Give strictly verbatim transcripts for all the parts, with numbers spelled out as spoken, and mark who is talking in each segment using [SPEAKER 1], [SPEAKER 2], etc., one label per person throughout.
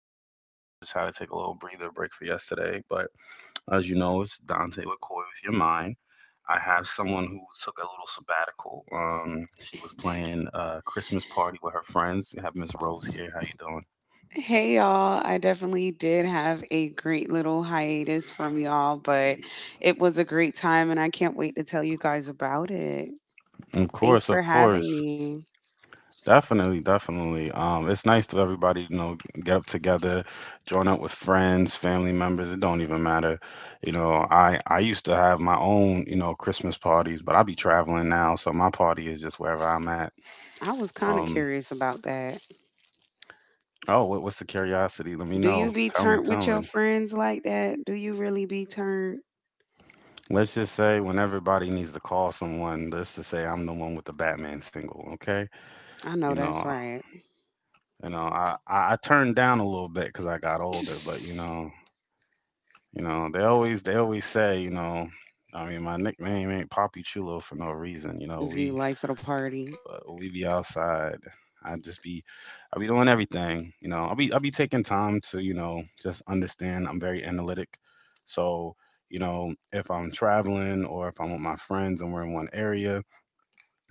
[SPEAKER 1] time. You know, I just had to take a little breather break for yesterday. But as you know, it's Dante with Koi with Your Mind. I have someone who took a little sabbatical. Um, she was playing a Christmas party with her friends. I have Miss Rose here. How you doing?
[SPEAKER 2] Hey, y'all, I definitely did have a great little hiatus from y'all, but it was a great time and I can't wait to tell you guys about it.
[SPEAKER 1] Of
[SPEAKER 2] Thanks
[SPEAKER 1] course,
[SPEAKER 2] for
[SPEAKER 1] of
[SPEAKER 2] having
[SPEAKER 1] course.
[SPEAKER 2] me.
[SPEAKER 1] Definitely, definitely. Um, it's nice to everybody, you know, get up together, join up with friends, family members. It don't even matter. You know, I I used to have my own, you know, Christmas parties, but I be traveling now, so my party is just wherever I'm at.
[SPEAKER 2] I was kind of
[SPEAKER 1] Um,
[SPEAKER 2] curious about that.
[SPEAKER 1] oh, what, what's the curiosity? Let me
[SPEAKER 2] Do
[SPEAKER 1] know.
[SPEAKER 2] you be
[SPEAKER 1] Tell me,
[SPEAKER 2] turned
[SPEAKER 1] tell
[SPEAKER 2] with your
[SPEAKER 1] me.
[SPEAKER 2] friends like that? Do you really be turned?
[SPEAKER 1] Let's just say when everybody needs to call someone, let's just say I'm the one with the Batman single, okay?
[SPEAKER 2] I know
[SPEAKER 1] You
[SPEAKER 2] that's
[SPEAKER 1] know,
[SPEAKER 2] right.
[SPEAKER 1] you know, I I, I turned down a little bit because I got older, but you
[SPEAKER 2] Is
[SPEAKER 1] know. You know, they always they always say, you know, I mean, my nickname ain't Poppy Chulo for no reason. You know,
[SPEAKER 2] you
[SPEAKER 1] we
[SPEAKER 2] life of the party?
[SPEAKER 1] uh, we be outside. I just be I be doing everything. You know, I be I be taking time to you know just understand. I'm very analytic, so you know if I'm traveling or if I'm with my friends and we're in one area,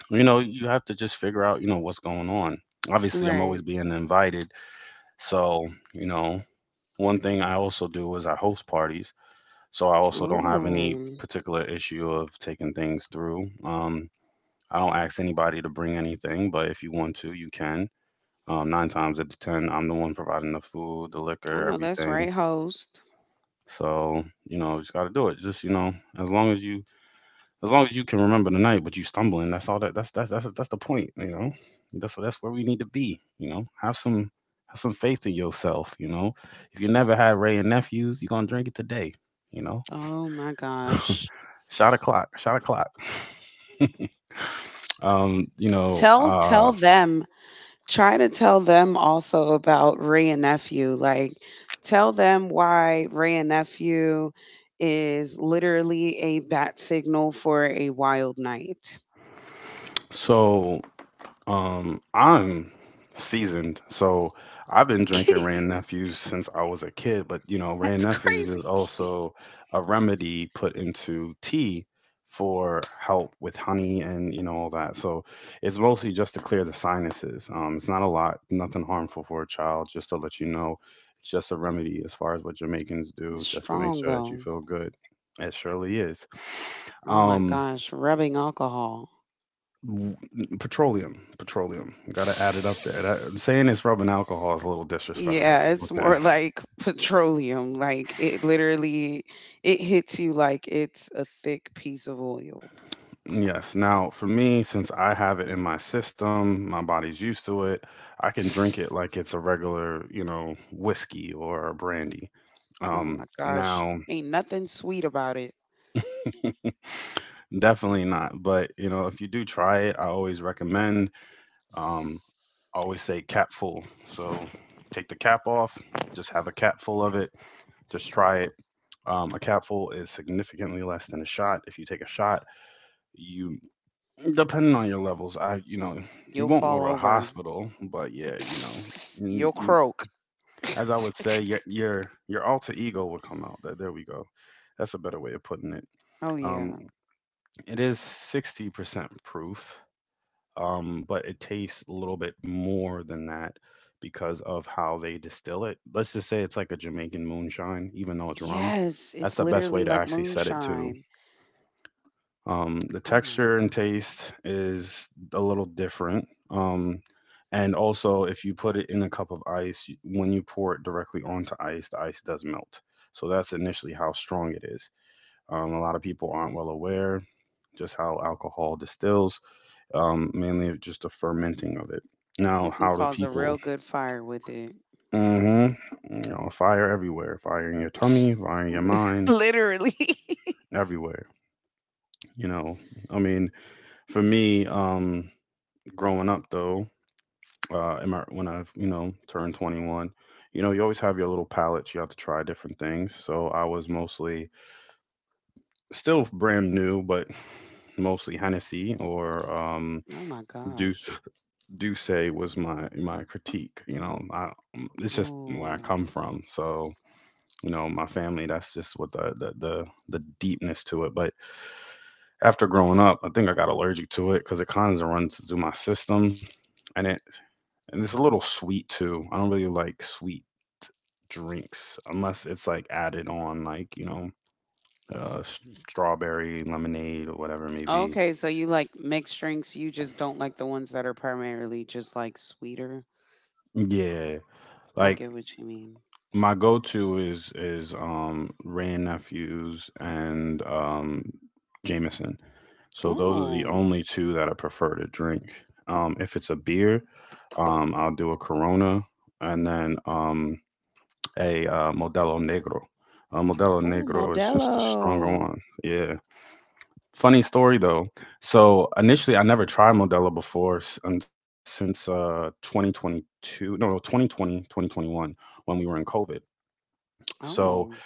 [SPEAKER 1] you know, you have to just figure out you know what's going on. Obviously, I'm always
[SPEAKER 2] Right.
[SPEAKER 1] being invited, so you know. One thing I also do is I host parties. So I also don't have any
[SPEAKER 2] Oh,
[SPEAKER 1] particular issue of taking things through. Um, I don't ask anybody to bring anything, but if you want to, you can. Um, nine times out of ten, I'm the one providing the food, the
[SPEAKER 2] I
[SPEAKER 1] liquor,
[SPEAKER 2] know that's
[SPEAKER 1] everything.
[SPEAKER 2] right, host.
[SPEAKER 1] So you know, just gotta do it. Just you know, as long as you, as long as you can remember the night, but you stumbling. That's all that. That's that's that's that's the point. You know, that's that's where we need to be. You know, have some have some faith in yourself. You know, if you never had Ray and nephews, you're gonna drink it today. You know.
[SPEAKER 2] Oh my gosh.
[SPEAKER 1] Shot a clock, Shot o'clock. Um, you know,
[SPEAKER 2] Tell tell
[SPEAKER 1] uh,
[SPEAKER 2] them try to tell them also about Ray and Nephew. Like, tell them why Ray and Nephew is literally a bat signal for a wild night.
[SPEAKER 1] so Um, I'm seasoned, so I've been drinking Rand Nephews since I was a kid, but you know, Rand
[SPEAKER 2] That's
[SPEAKER 1] Nephews is
[SPEAKER 2] crazy.
[SPEAKER 1] also a remedy put into tea for help with honey and you know all that. So it's mostly just to clear the sinuses. Um, it's not a lot, nothing harmful for a child, just to let you know. It's just a remedy as far as what Jamaicans do,
[SPEAKER 2] It's
[SPEAKER 1] just to make
[SPEAKER 2] strong,
[SPEAKER 1] sure that you
[SPEAKER 2] though.
[SPEAKER 1] feel good. It surely is.
[SPEAKER 2] Oh my
[SPEAKER 1] Um,
[SPEAKER 2] gosh, rubbing alcohol.
[SPEAKER 1] W- Petroleum, petroleum. Got to add it up there. That, saying it's rubbing alcohol is a little disrespectful.
[SPEAKER 2] Yeah, it's
[SPEAKER 1] Okay.
[SPEAKER 2] more like petroleum. Like, it literally it hits you like it's a thick piece of oil.
[SPEAKER 1] Yes. Now, for me, since I have it in my system, my body's used to it. I can drink it like it's a regular, you know, whiskey or a brandy.
[SPEAKER 2] Oh my
[SPEAKER 1] Um,
[SPEAKER 2] gosh,
[SPEAKER 1] now,
[SPEAKER 2] ain't nothing sweet about it.
[SPEAKER 1] definitely not. But you know, if you do try it, I always recommend. Um, I always say cap full. So take the cap off. Just have a cap full of it. Just try it. Um, a capful is significantly less than a shot. If you take a shot, you depending on your levels, I you know you
[SPEAKER 2] You'll
[SPEAKER 1] won't go
[SPEAKER 2] fall
[SPEAKER 1] to the
[SPEAKER 2] over.
[SPEAKER 1] hospital, but yeah, you know you,
[SPEAKER 2] You'll
[SPEAKER 1] you
[SPEAKER 2] croak.
[SPEAKER 1] as I would say your your your alter ego will come out. There, there we go. That's a better way of putting it.
[SPEAKER 2] Oh
[SPEAKER 1] Um,
[SPEAKER 2] yeah.
[SPEAKER 1] it is sixty percent proof, um, but it tastes a little bit more than that because of how they distill it. Let's just say it's like a Jamaican moonshine, even though it's rum.
[SPEAKER 2] Yes,
[SPEAKER 1] That's
[SPEAKER 2] it's
[SPEAKER 1] the best
[SPEAKER 2] literally
[SPEAKER 1] way to
[SPEAKER 2] like
[SPEAKER 1] actually set it to.
[SPEAKER 2] moonshine.
[SPEAKER 1] Um, the
[SPEAKER 2] Oh my
[SPEAKER 1] texture and
[SPEAKER 2] god.
[SPEAKER 1] taste is a little different. Um, and also, if you put it in a cup of ice, when you pour it directly onto ice, the ice does melt. So that's initially how strong it is. Um, a lot of people aren't well aware just how alcohol distills, um, mainly just the fermenting of it.
[SPEAKER 2] You
[SPEAKER 1] Now,
[SPEAKER 2] can
[SPEAKER 1] how do
[SPEAKER 2] cause a
[SPEAKER 1] people?
[SPEAKER 2] real good fire with it.
[SPEAKER 1] hmm You know, fire everywhere, fire in your tummy, fire in your
[SPEAKER 2] Li-
[SPEAKER 1] mind,
[SPEAKER 2] literally.
[SPEAKER 1] everywhere. You know, I mean, for me, um, growing up though, uh, in my, when I've you know turned twenty-one, you know you always have your little palate. You have to try different things. So I was mostly still brand new, but mostly Hennessy or um,
[SPEAKER 2] Oh my
[SPEAKER 1] do
[SPEAKER 2] gosh.
[SPEAKER 1] do say was my my critique. You know, I, um, it's just where I
[SPEAKER 2] Ooh.
[SPEAKER 1] come from. So you know my family. That's just what the the the, the deepness to it. But after growing up, I think I got allergic to it because it kind of runs through my system. And it And it's a little sweet too. I don't really like sweet drinks unless it's like added on, like, you know, uh, s- strawberry lemonade or whatever it may be.
[SPEAKER 2] Okay, so you like mixed drinks, you just don't like the ones that are primarily just like sweeter.
[SPEAKER 1] Yeah,
[SPEAKER 2] I
[SPEAKER 1] like
[SPEAKER 2] get what you mean.
[SPEAKER 1] my go-to is is um Rand Nephews and um Jameson. So those are the
[SPEAKER 2] Oh.
[SPEAKER 1] only two that I prefer to drink. Um, if it's a beer, um, I'll do a Corona, and then um a uh, Modelo Negro. Uh, Modelo
[SPEAKER 2] Oh,
[SPEAKER 1] Negro is just a stronger
[SPEAKER 2] Modelo.
[SPEAKER 1] one. Yeah. Funny story though. So initially, I never tried Modelo before s- and since uh twenty twenty-two, no, no, twenty twenty, twenty twenty-one when we were in COVID. So
[SPEAKER 2] Oh.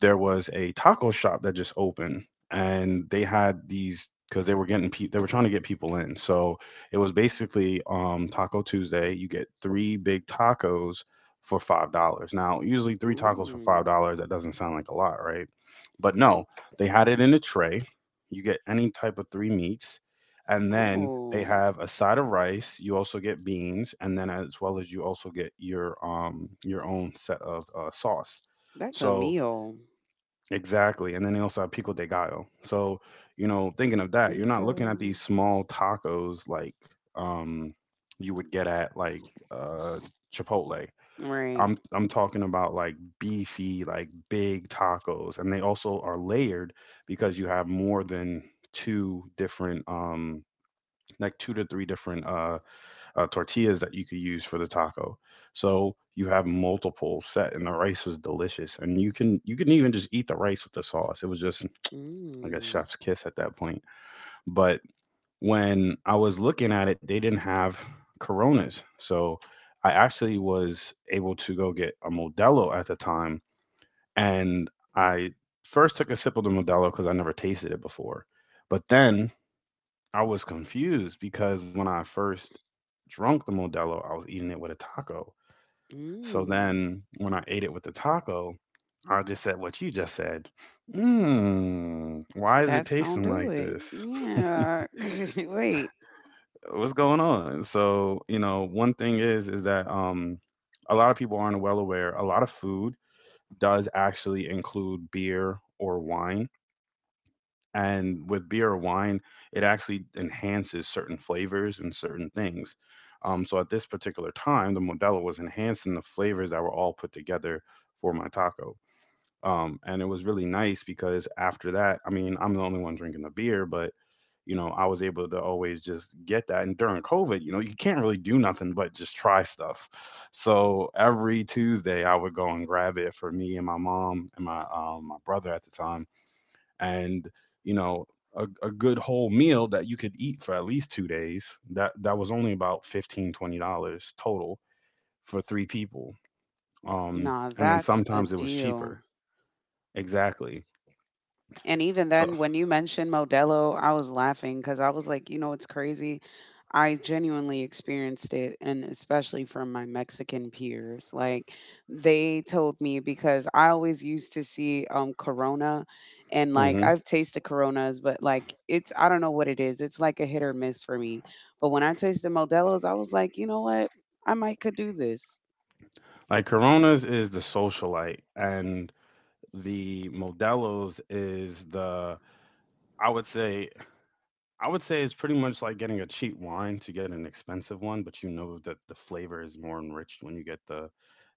[SPEAKER 1] there was a taco shop that just opened, and they had these because they were getting pe- they were trying to get people in, so it was basically um Taco Tuesday. You get three big tacos for five dollars. Now, usually three tacos for five
[SPEAKER 2] Mm.
[SPEAKER 1] dollars that doesn't sound like a lot, right? But no, they had it in a tray. You get any type of three meats, and then they
[SPEAKER 2] Oh.
[SPEAKER 1] have a side of rice. You also get beans, and then as well as you also get your um your own set of uh, sauce.
[SPEAKER 2] That's a
[SPEAKER 1] So
[SPEAKER 2] meal.
[SPEAKER 1] Exactly, and then they also have pico de gallo. So, you know, thinking of that, you're not
[SPEAKER 2] Pico.
[SPEAKER 1] looking at these small tacos like um you would get at like uh Chipotle.
[SPEAKER 2] Right.
[SPEAKER 1] I'm I'm talking about like beefy, like big tacos, and they also are layered because you have more than two different, um like, two to three different uh uh, tortillas that you could use for the taco. So you have multiple set, and the rice was delicious. And you can you can even just eat the rice with the sauce. It was just like a
[SPEAKER 2] Mm.
[SPEAKER 1] chef's kiss at that point. But when I was looking at it, they didn't have Coronas, so I actually was able to go get a Modelo at the time, and I first took a sip of the Modelo because I never tasted it before. But then I was confused because when I first drunk the Modelo, I was eating it with a taco. So
[SPEAKER 2] Mm.
[SPEAKER 1] then when I ate it with the taco, I just said what you just said. Mmm, why is it
[SPEAKER 2] That's gonna
[SPEAKER 1] tasting
[SPEAKER 2] do
[SPEAKER 1] like
[SPEAKER 2] it.
[SPEAKER 1] this?
[SPEAKER 2] Yeah. Wait.
[SPEAKER 1] What's going on? So, you know, one thing is is that um a lot of people aren't well aware. A lot of food does actually include beer or wine. And with beer or wine, it actually enhances certain flavors and certain things. Um, so at this particular time, the Modelo was enhancing the flavors that were all put together for my taco. Um, and it was really nice because after that, I mean, I'm the only one drinking the beer, but you know, I was able to always just get that. And during COVID, you know, you can't really do nothing but just try stuff. So every Tuesday, I would go and grab it for me and my mom and my um, my brother at the time, and you know a, a good whole meal that you could eat for at least two days, that that was only about fifteen twenty dollars total for three people, um
[SPEAKER 2] Nah,
[SPEAKER 1] and then
[SPEAKER 2] that's a
[SPEAKER 1] sometimes it was
[SPEAKER 2] deal.
[SPEAKER 1] cheaper. Exactly.
[SPEAKER 2] And even
[SPEAKER 1] So,
[SPEAKER 2] then, when you mentioned Modelo, I was laughing because I was like, you know, it's crazy. I genuinely experienced it, and especially from my Mexican peers. Like, they told me because I always used to see um Corona, and like
[SPEAKER 1] hmm
[SPEAKER 2] I've tasted Coronas, but like it's I don't know what it is. It's like a hit or miss for me. But when I tasted Modelo's, I was like, you know what? I might could do this.
[SPEAKER 1] like, Coronas is the socialite and the Modelos is the, i would say I would say it's pretty much like getting a cheap wine to get an expensive one, but you know that the flavor is more enriched when you get the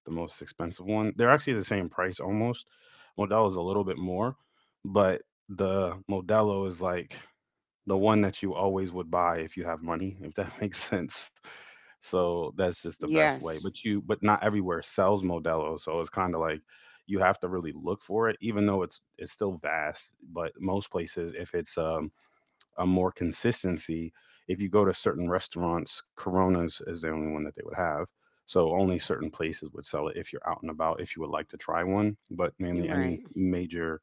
[SPEAKER 1] the most expensive one. They're actually the same price almost. Modelo is a little bit more, but the Modelo is like the one that you always would buy if you have money, if that makes sense. So that's just the best way.
[SPEAKER 2] Yes,
[SPEAKER 1] But you but not everywhere sells Modelo, so it's kind of like you have to really look for it even though it's it's still vast, but most places if it's um a more consistency. If you go to certain restaurants, Coronas is the only one that they would have. So only certain places would sell it if you're out and about, if you would like to try one. But
[SPEAKER 2] you're
[SPEAKER 1] mainly
[SPEAKER 2] right.
[SPEAKER 1] any major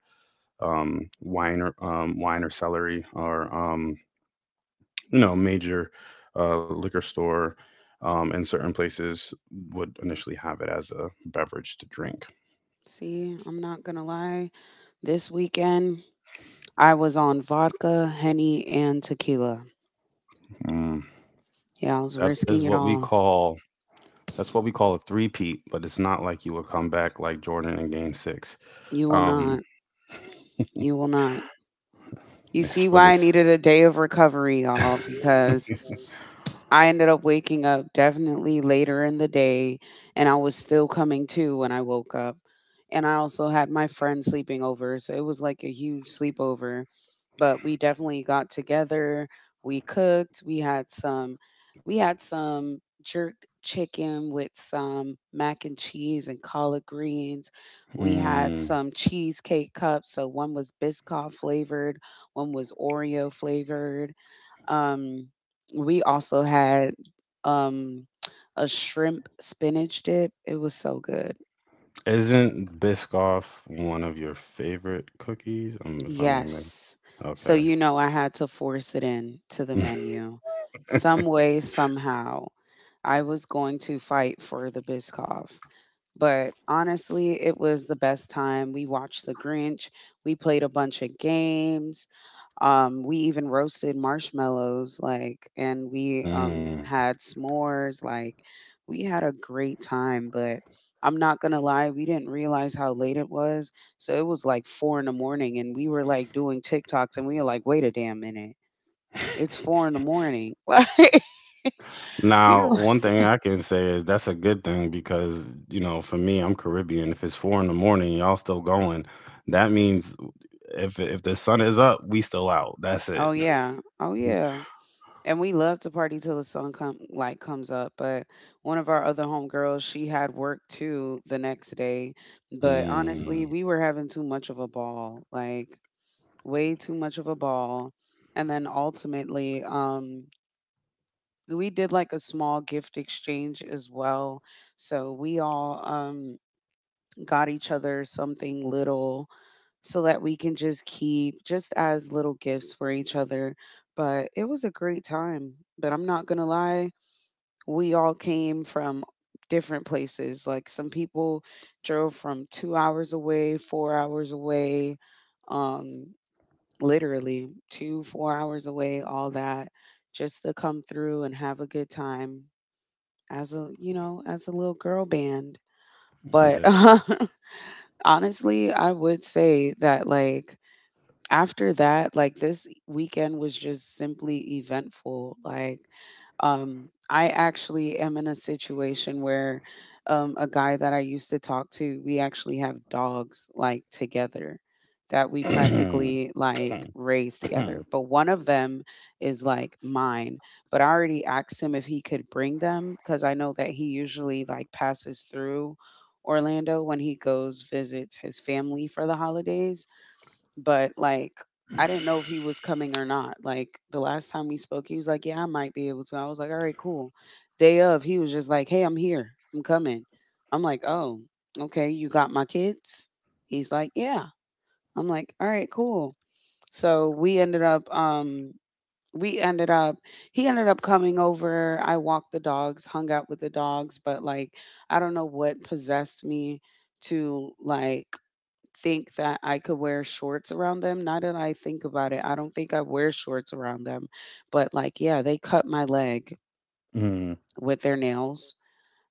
[SPEAKER 1] um, wine or um, wine or celery or um, you know major uh, liquor store um, in certain places would initially have it as a beverage to drink.
[SPEAKER 2] See, I'm not gonna lie, this weekend I was on vodka, Henny, and tequila.
[SPEAKER 1] Mm.
[SPEAKER 2] Yeah, I was
[SPEAKER 1] That is
[SPEAKER 2] risking it
[SPEAKER 1] what we
[SPEAKER 2] all.
[SPEAKER 1] call that's what we call a three-peat, but it's not like you would come back like Jordan in Game Six.
[SPEAKER 2] You will not.
[SPEAKER 1] Um,
[SPEAKER 2] You will not. You
[SPEAKER 1] It's
[SPEAKER 2] see
[SPEAKER 1] for
[SPEAKER 2] why I
[SPEAKER 1] this.
[SPEAKER 2] needed a day of recovery, y'all, because I ended up waking up definitely later in the day, and I was still coming to when I woke up. And I also had my friend sleeping over, so it was like a huge sleepover. But we definitely got together. We cooked. We had some, we had some jerk chicken with some mac and cheese and collard greens. We had
[SPEAKER 1] Mm,
[SPEAKER 2] some cheesecake cups. So one was Biscoff flavored, one was Oreo flavored, um, we also had um a shrimp spinach dip. It was so good.
[SPEAKER 1] isn't Biscoff one of your favorite cookies? Um, if I may remember.
[SPEAKER 2] Yes. So
[SPEAKER 1] Okay.
[SPEAKER 2] you know I had to force it in to the menu. Some way, somehow, I was going to fight for the Biscoff. But honestly, it was the best time. We watched The Grinch. We played a bunch of games. Um, we even roasted marshmallows, like, and we um,
[SPEAKER 1] Mm.
[SPEAKER 2] had s'mores. Like, we had a great time, but I'm not gonna lie, we didn't realize how late it was. So it was like four in the morning, and we were like doing TikToks, and we were like, wait a damn minute, it's four in the morning. Like, we were
[SPEAKER 1] Now,
[SPEAKER 2] like,
[SPEAKER 1] one thing I can say is that's a good thing because, you know, for me, I'm Caribbean. If it's four in the morning, y'all still going. That means if if the sun is up, we still out. That's it.
[SPEAKER 2] oh yeah, oh yeah. And we love to party till the sun come like comes up, but one of our other homegirls, she had work too the next day. But honestly,
[SPEAKER 1] Mm,
[SPEAKER 2] we were having too much of a ball, like way too much of a ball. And then ultimately, um, we did like a small gift exchange as well. So we all um got each other something little so that we can just keep just as little gifts for each other. But it was a great time. But I'm not gonna lie, we all came from different places. Like some people drove from two hours away, four hours away, um, literally two, four hours away, all that, just to come through and have a good time as a, you know, as a little girl band. But
[SPEAKER 1] yes.
[SPEAKER 2] honestly, I would say that like after that, like this weekend was just simply eventful. Like, um, I actually am in a situation where um, a guy that I used to talk to, we actually have dogs like together that we practically like raise together. But one of them is like mine. But I already asked him if he could bring them because I know that he usually like passes through Orlando when he goes visits his family for the holidays, but like I didn't know if he was coming or not. Like the last time we spoke, he was like, "Yeah, I might be able to." I was like, "All right, cool." Day of, he was just like, "Hey, I'm here. I'm coming." I'm like, "Oh, okay. You got my kids?" He's like, "Yeah." I'm like, "All right, cool." So we ended up, um, we ended up, he ended up coming over. I walked the dogs, hung out with the dogs, but like, I don't know what possessed me to like think that I could wear shorts around them. Now that I think about it, I don't think I wear shorts around them. But like, yeah, they cut my leg
[SPEAKER 1] Mm.
[SPEAKER 2] with their nails.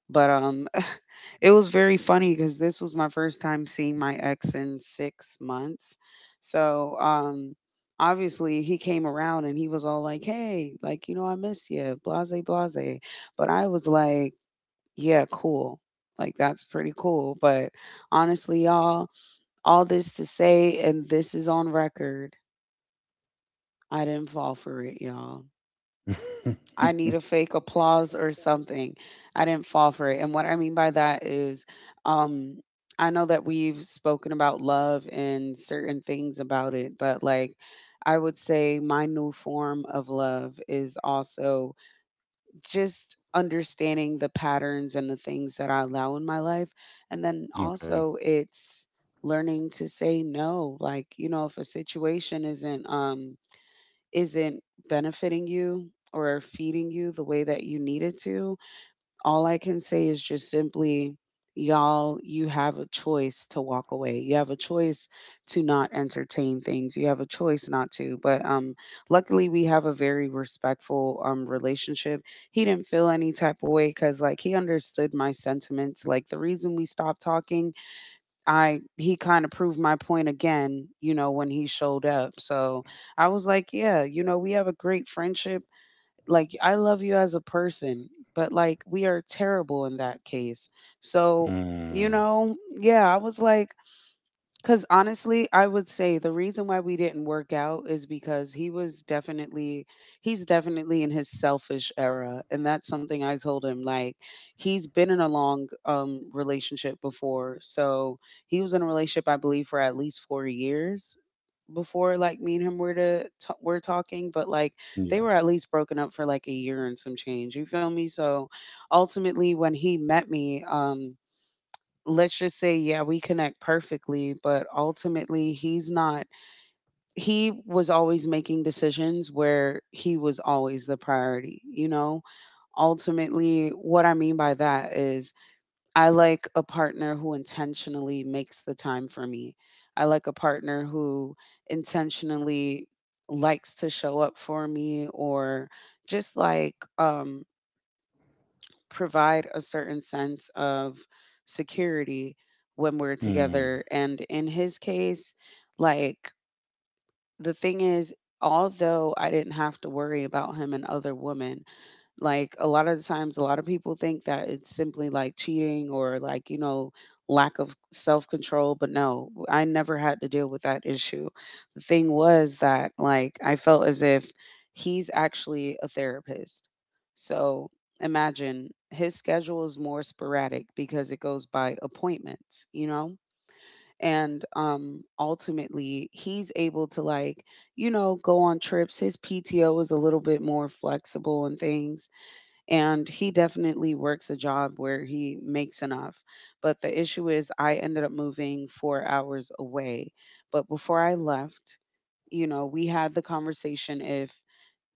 [SPEAKER 2] But um it was very funny because this was my first time seeing my ex in six months. So um obviously he came around and he was all like, "Hey, like, you know, I miss you, blase blase." But I was like, "Yeah, cool." Like that's pretty cool. But honestly, y'all, all this to say, and this is on record, I didn't fall for it, y'all. I need a fake applause or something. I didn't fall for it. And what I mean by that is, um, I know that we've spoken about love and certain things about it, but like I would say my new form of love is also just understanding the patterns and the things that I allow in my life. And then
[SPEAKER 1] Okay.
[SPEAKER 2] also it's learning to say no. Like, you know, if a situation isn't um isn't benefiting you or feeding you the way that you need it to, all I can say is just simply, y'all, you have a choice to walk away. You have a choice to not entertain things. You have a choice not to. But um, luckily, we have a very respectful um relationship. He didn't feel any type of way because like he understood my sentiments. Like the reason we stopped talking, I he kind of proved my point again. You know, when he showed up, so I was like, yeah, you know we have a great friendship like I love you as a person, but like we are terrible in that case. So, you
[SPEAKER 1] Mm.
[SPEAKER 2] know, yeah, I was like, because honestly, I would say the reason why we didn't work out is because he was definitely, he's definitely in his selfish era. And that's something I told him. Like, he's been in a long um, relationship before. So he was in a relationship, I believe, for at least four years before like me and him were to t- were talking, but like they
[SPEAKER 1] Yes.
[SPEAKER 2] were at least broken up for like a year and some change, you feel me, so ultimately when he met me um let's just say, yeah, we connect perfectly, but ultimately he's not, he was always making decisions where he was always the priority, you know? Ultimately, what I mean by that is I like a partner who intentionally makes the time for me. I like a partner who intentionally likes to show up for me or just like um provide a certain sense of security when we're
[SPEAKER 1] Mm.
[SPEAKER 2] together. And in his case, like the thing is, although I didn't have to worry about him and other women, like a lot of the times, a lot of people think that it's simply like cheating or like, you know, lack of self control. But no, I never had to deal with that issue. The thing was that, like, I felt as if he's actually a therapist. So imagine his schedule is more sporadic because it goes by appointments, you know? And um ultimately he's able to like, you know, go on trips. His P T O is a little bit more flexible and things, and he definitely works a job where he makes enough. But the issue is, I ended up moving four hours away. But before I left, you know, we had the conversation if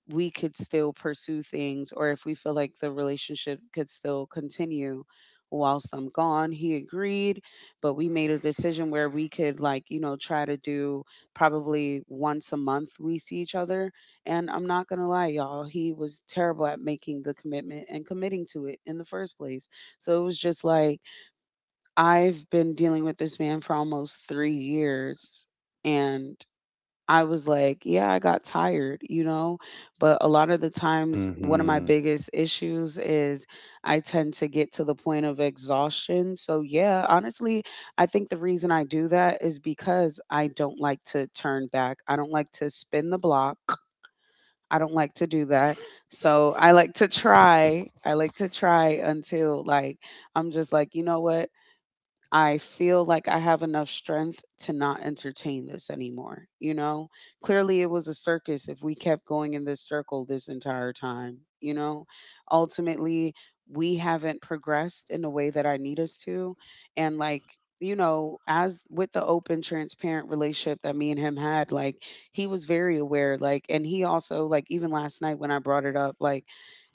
[SPEAKER 2] we could still pursue things or if we feel like the relationship could still continue whilst I'm gone. He agreed, but we made a decision where we could like, you know, try to do probably once a month we see each other. And I'm not going to lie, y'all, he was terrible at making the commitment and committing to it in the first place. So it was just like I've been dealing with this man for almost three years and I was like, yeah, I got tired, you know? But a lot of the times, one of my
[SPEAKER 1] Mhm.
[SPEAKER 2] biggest issues is I tend to get to the point of exhaustion. So, yeah, honestly, I think the reason I do that is because I don't like to turn back. I don't like to spin the block. I don't like to do that. So, I like to try. I like to try until, like, I'm just like, you know what? I feel like I have enough strength to not entertain this anymore. You know, clearly it was a circus if we kept going in this circle this entire time. You know, ultimately, we haven't progressed in the way that I need us to. And like, you know, as with the open, transparent relationship that me and him had, like, he was very aware. Like, and he also, like, even last night when I brought it up, like,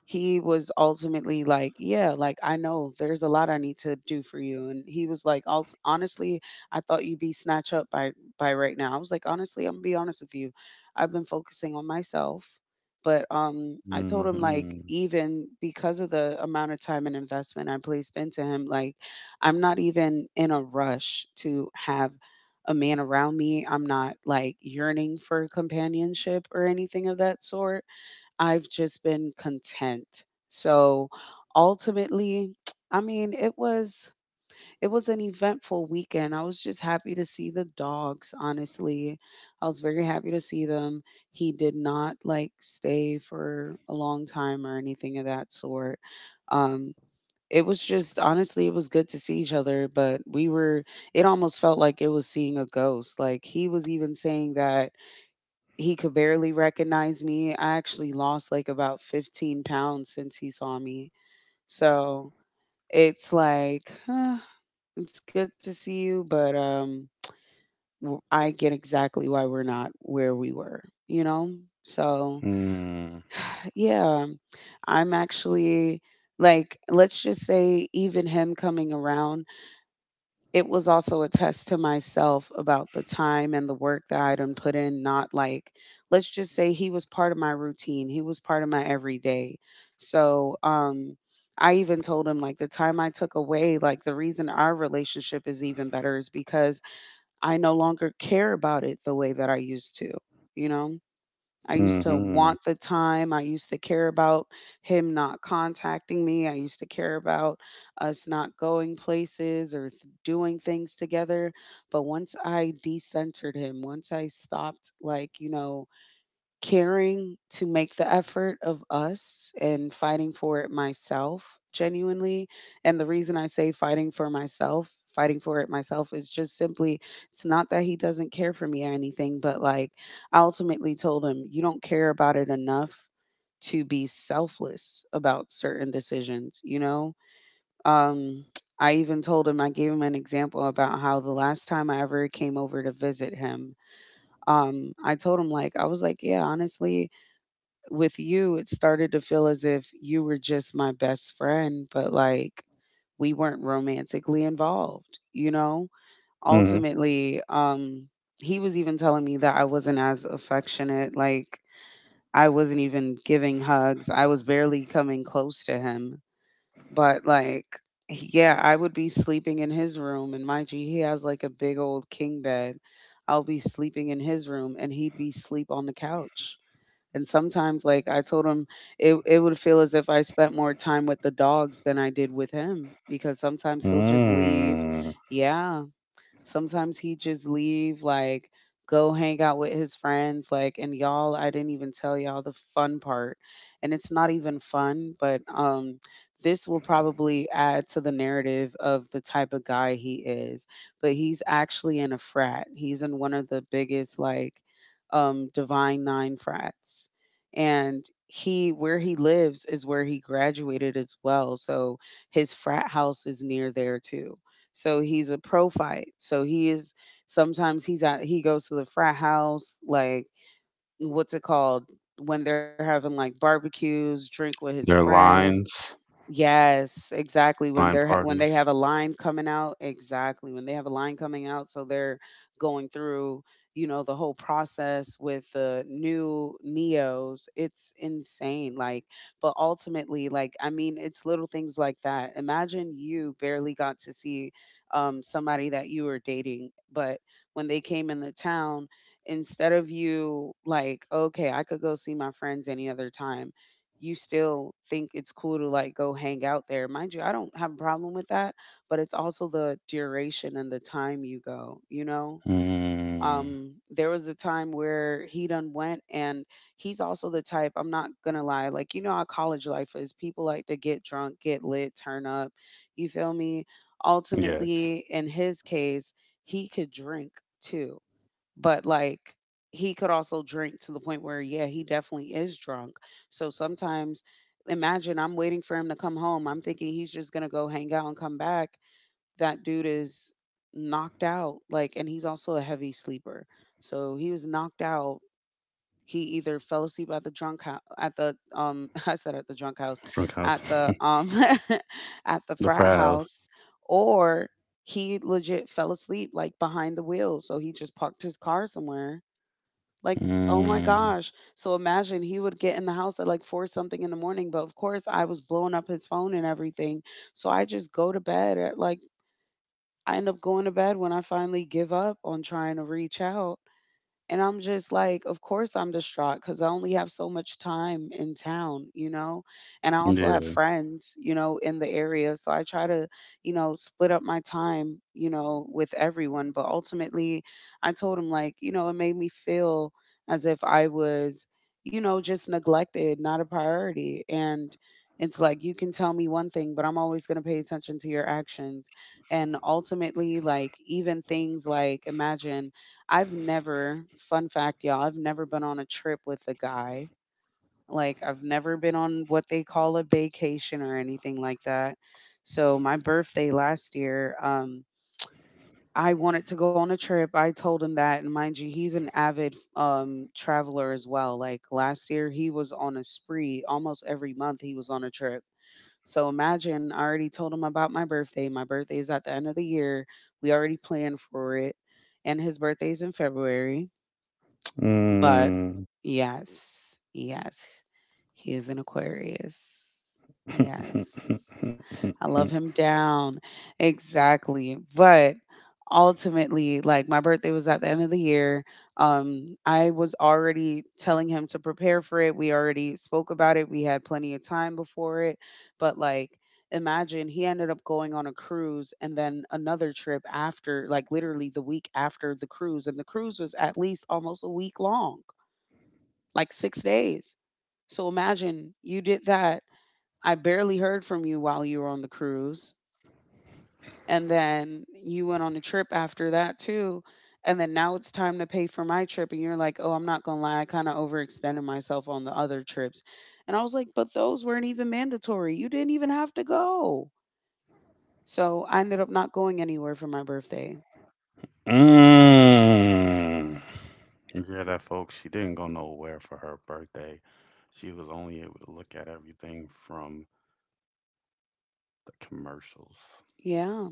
[SPEAKER 2] he was ultimately like, "Yeah, like I know there's a lot I need to do for you." And he was like, "Alt- Honestly, I thought you'd be snatched up by, by right now." I was like, "Honestly, I'm gonna be honest with you. I've been focusing on myself." But um, I told him, like,
[SPEAKER 1] Mhm.
[SPEAKER 2] even because of the amount of time and investment I placed into him, like, I'm not even in a rush to have a man around me. I'm not like yearning for companionship or anything of that sort. I've just been content. So ultimately, I mean, it was it was an eventful weekend. I was just happy to see the dogs, honestly. I was very happy to see them. He did not like stay for a long time or anything of that sort. Um it was just, honestly, it was good to see each other, but we were, it almost felt like it was seeing a ghost, like he was even saying that he could barely recognize me. I actually lost like about fifteen pounds since he saw me. So it's like, huh, it's good to see you, but um, w- I get exactly why we're not where we were, you know? So
[SPEAKER 1] Mm.
[SPEAKER 2] yeah, I'm actually like, let's just say, even him coming around, it was also a test to myself about the time and the work that I done put in. Not like, let's just say he was part of my routine. He was part of my everyday. So, um, I even told him, like, the time I took away, like the reason our relationship is even better is because I no longer care about it the way that I used to, you know? I used to
[SPEAKER 1] Mhm.
[SPEAKER 2] want the time. I used to care about him not contacting me. I used to care about us not going places or th- doing things together. But once I decentered him, once I stopped, like, you know, caring to make the effort of us and fighting for it myself genuinely, and the reason I say fighting for myself, fighting for it myself, is just simply it's not that he doesn't care for me or anything, but like I ultimately told him, you don't care about it enough to be selfless about certain decisions, you know? um I even told him, I gave him an example about how the last time I ever came over to visit him, um I told him, like, I was like, yeah, honestly, with you, it started to feel as if you were just my best friend, but like we weren't romantically involved, you know?
[SPEAKER 1] Mhm.
[SPEAKER 2] Ultimately, um, he was even telling me that I wasn't as affectionate. Like I wasn't even giving hugs, I was barely coming close to him. But like, yeah, I would be sleeping in his room, and mind you, he has like a big old king bed. I'll be sleeping in his room, and he'd be sleep on the couch, and sometimes, like I told him, it it would feel as if I spent more time with the dogs than I did with him because sometimes he'll just leave.
[SPEAKER 1] Mm.
[SPEAKER 2] Yeah, sometimes he just leave, like go hang out with his friends, like, and y'all, I didn't even tell y'all the fun part. And it's not even fun, but um this will probably add to the narrative of the type of guy he is. But he's actually in a frat. He's in one of the biggest, like, um divine nine frats. And he, where he lives is where he graduated as well. So his frat house is near there too. So he's a pro fight. So he is, sometimes he's at, he goes to the frat house, like, what's it called? When they're having like barbecues, drink with his
[SPEAKER 1] There are
[SPEAKER 2] friends.
[SPEAKER 1] lines,
[SPEAKER 2] Yes, exactly.
[SPEAKER 1] line
[SPEAKER 2] When they're ha-
[SPEAKER 1] parties.
[SPEAKER 2] when they have a line coming out, exactly. When they have a line coming out, so they're going through, you know, the whole process with the new Neos. It's insane. Like, but ultimately, like, I mean, it's little things like that. Imagine you barely got to see um somebody that you were dating, but when they came in the town, instead of you like, okay, I could go see my friends any other time, you still think it's cool to like go hang out there. Mind you, I don't have a problem with that, but it's also the duration and the time you go, you know?
[SPEAKER 1] Mm.
[SPEAKER 2] Um, there was a time where he done went, and he's also the type, I'm not gonna lie, like, you know how college life is. People like to get drunk, get lit, turn up, you feel me?
[SPEAKER 1] Yes.
[SPEAKER 2] Ultimately, in his case, he could drink too, but like he could also drink to the point where, yeah, he definitely is drunk. So sometimes, imagine I'm waiting for him to come home, I'm thinking he's just gonna go hang out and come back. That dude is knocked out, like, and he's also a heavy sleeper. So he was knocked out. He either fell asleep at the drunk house, at the um I said at the drunk house,
[SPEAKER 1] Drunk house.
[SPEAKER 2] at the um at
[SPEAKER 1] the
[SPEAKER 2] the
[SPEAKER 1] frat
[SPEAKER 2] frat
[SPEAKER 1] house.
[SPEAKER 2] house, or he legit fell asleep like behind the wheel, so he just parked his car somewhere, like, oh my
[SPEAKER 1] Mm.
[SPEAKER 2] gosh. So imagine he would get in the house at like four something in the morning. But of course, I was blowing up his phone and everything. So I just go to bed at like, I end up going to bed when I finally give up on trying to reach out. And I'm just like, of course I'm distraught because I only have so much time in town, you know? And I also have
[SPEAKER 1] Yeah.
[SPEAKER 2] friends, you know, in the area. So I try to, you know, split up my time, you know, with everyone. But ultimately, I told him, like, you know, it made me feel as if I was, you know, just neglected, not a priority. And it's like, you can tell me one thing, but I'm always going to pay attention to your actions. And ultimately, like, even things like, imagine, I've never, fun fact, y'all, I've never been on a trip with a guy. Like I've never been on what they call a vacation or anything like that. So my birthday last year, um, I wanted to go on a trip. I told him that, and mind you, he's an avid um traveler as well. Like last year, he was on a spree almost every month. He was on a trip. So imagine, I already told him about my birthday. My birthday is at the end of the year. We already planned for it, and his birthday's in February. But
[SPEAKER 1] Mm.
[SPEAKER 2] yes, yes, he is an Aquarius. Yes. I love him down. Exactly. But ultimately, like, my birthday was at the end of the year. Um, I was already telling him to prepare for it. We already spoke about it. We had plenty of time before it. But like, imagine he ended up going on a cruise and then another trip after, like literally the week after the cruise, and the cruise was at least almost a week long, like six days. So imagine you did that. I barely heard from you while you were on the cruise, and then you went on a trip after that too. And then now it's time to pay for my trip. And you're like, oh, I'm not going to lie, I kind of overextended myself on the other trips. And I was like, but those weren't even mandatory. You didn't even have to go. So I ended up not going anywhere for my birthday.
[SPEAKER 1] mm. Yeah, that folks, she didn't go nowhere for her birthday. She was only able to look at everything from The commercials.
[SPEAKER 2] Yeah.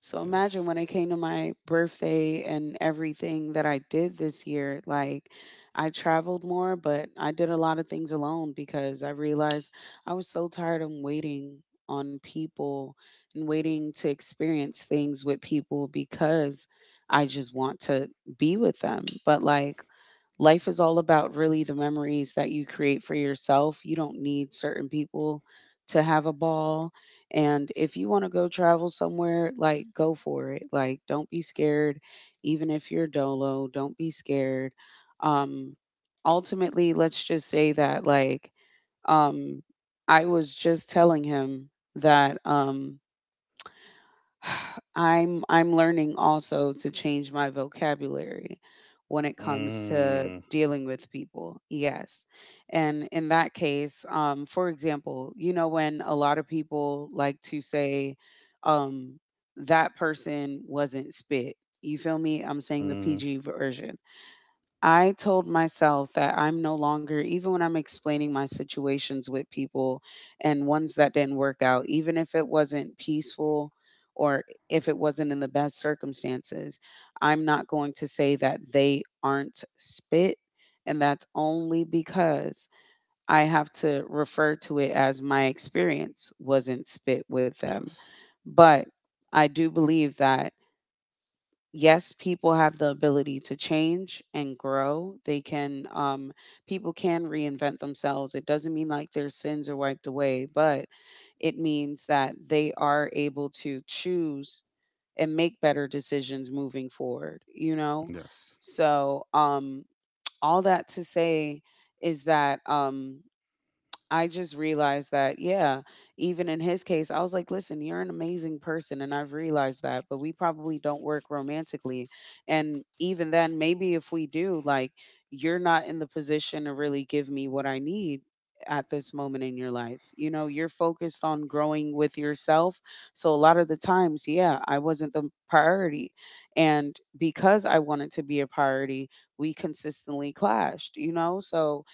[SPEAKER 2] So
[SPEAKER 1] Yes.
[SPEAKER 2] imagine when it came to my birthday and everything that I did this year, like I traveled more, but I did a lot of things alone because I realized I was so tired of waiting on people and waiting to experience things with people because I just want to be with them. But like life is all about really the memories that you create for yourself. You don't need certain people to have a ball. And if you want to go travel somewhere, like go for it. Like don't be scared even if you're dolo, don't be scared. Um Ultimately, let's just say that like um I was just telling him that um I'm I'm learning also to change my vocabulary when it comes to
[SPEAKER 1] Mm,
[SPEAKER 2] dealing with people. Yes. And in that case, um for example, you know when a lot of people like to say um that person wasn't spit. You feel me? I'm saying the
[SPEAKER 1] mm,
[SPEAKER 2] P G version. I told myself that I'm no longer, even when I'm explaining my situations with people and ones that didn't work out, even if it wasn't peaceful or if it wasn't in the best circumstances, I'm not going to say that they aren't spit. And that's only because I have to refer to it as my experience wasn't spit with
[SPEAKER 1] yes.
[SPEAKER 2] them. But I do believe that yes, people have the ability to change and grow. They can, um, people can reinvent themselves. It doesn't mean like their sins are wiped away, but it means that they are able to choose and make better decisions moving forward, you know?
[SPEAKER 1] Yes.
[SPEAKER 2] So, um, all that to say is that, um, I just realized that, yeah, even in his case, I was like, listen, you're an amazing person. And I've realized that, but we probably don't work romantically. And even then, maybe if we do, like, you're not in the position to really give me what I need at this moment in your life. You know, you're focused on growing with yourself. So a lot of the times, yeah, I wasn't the priority. And because I wanted to be a priority, we consistently clashed, you know? So,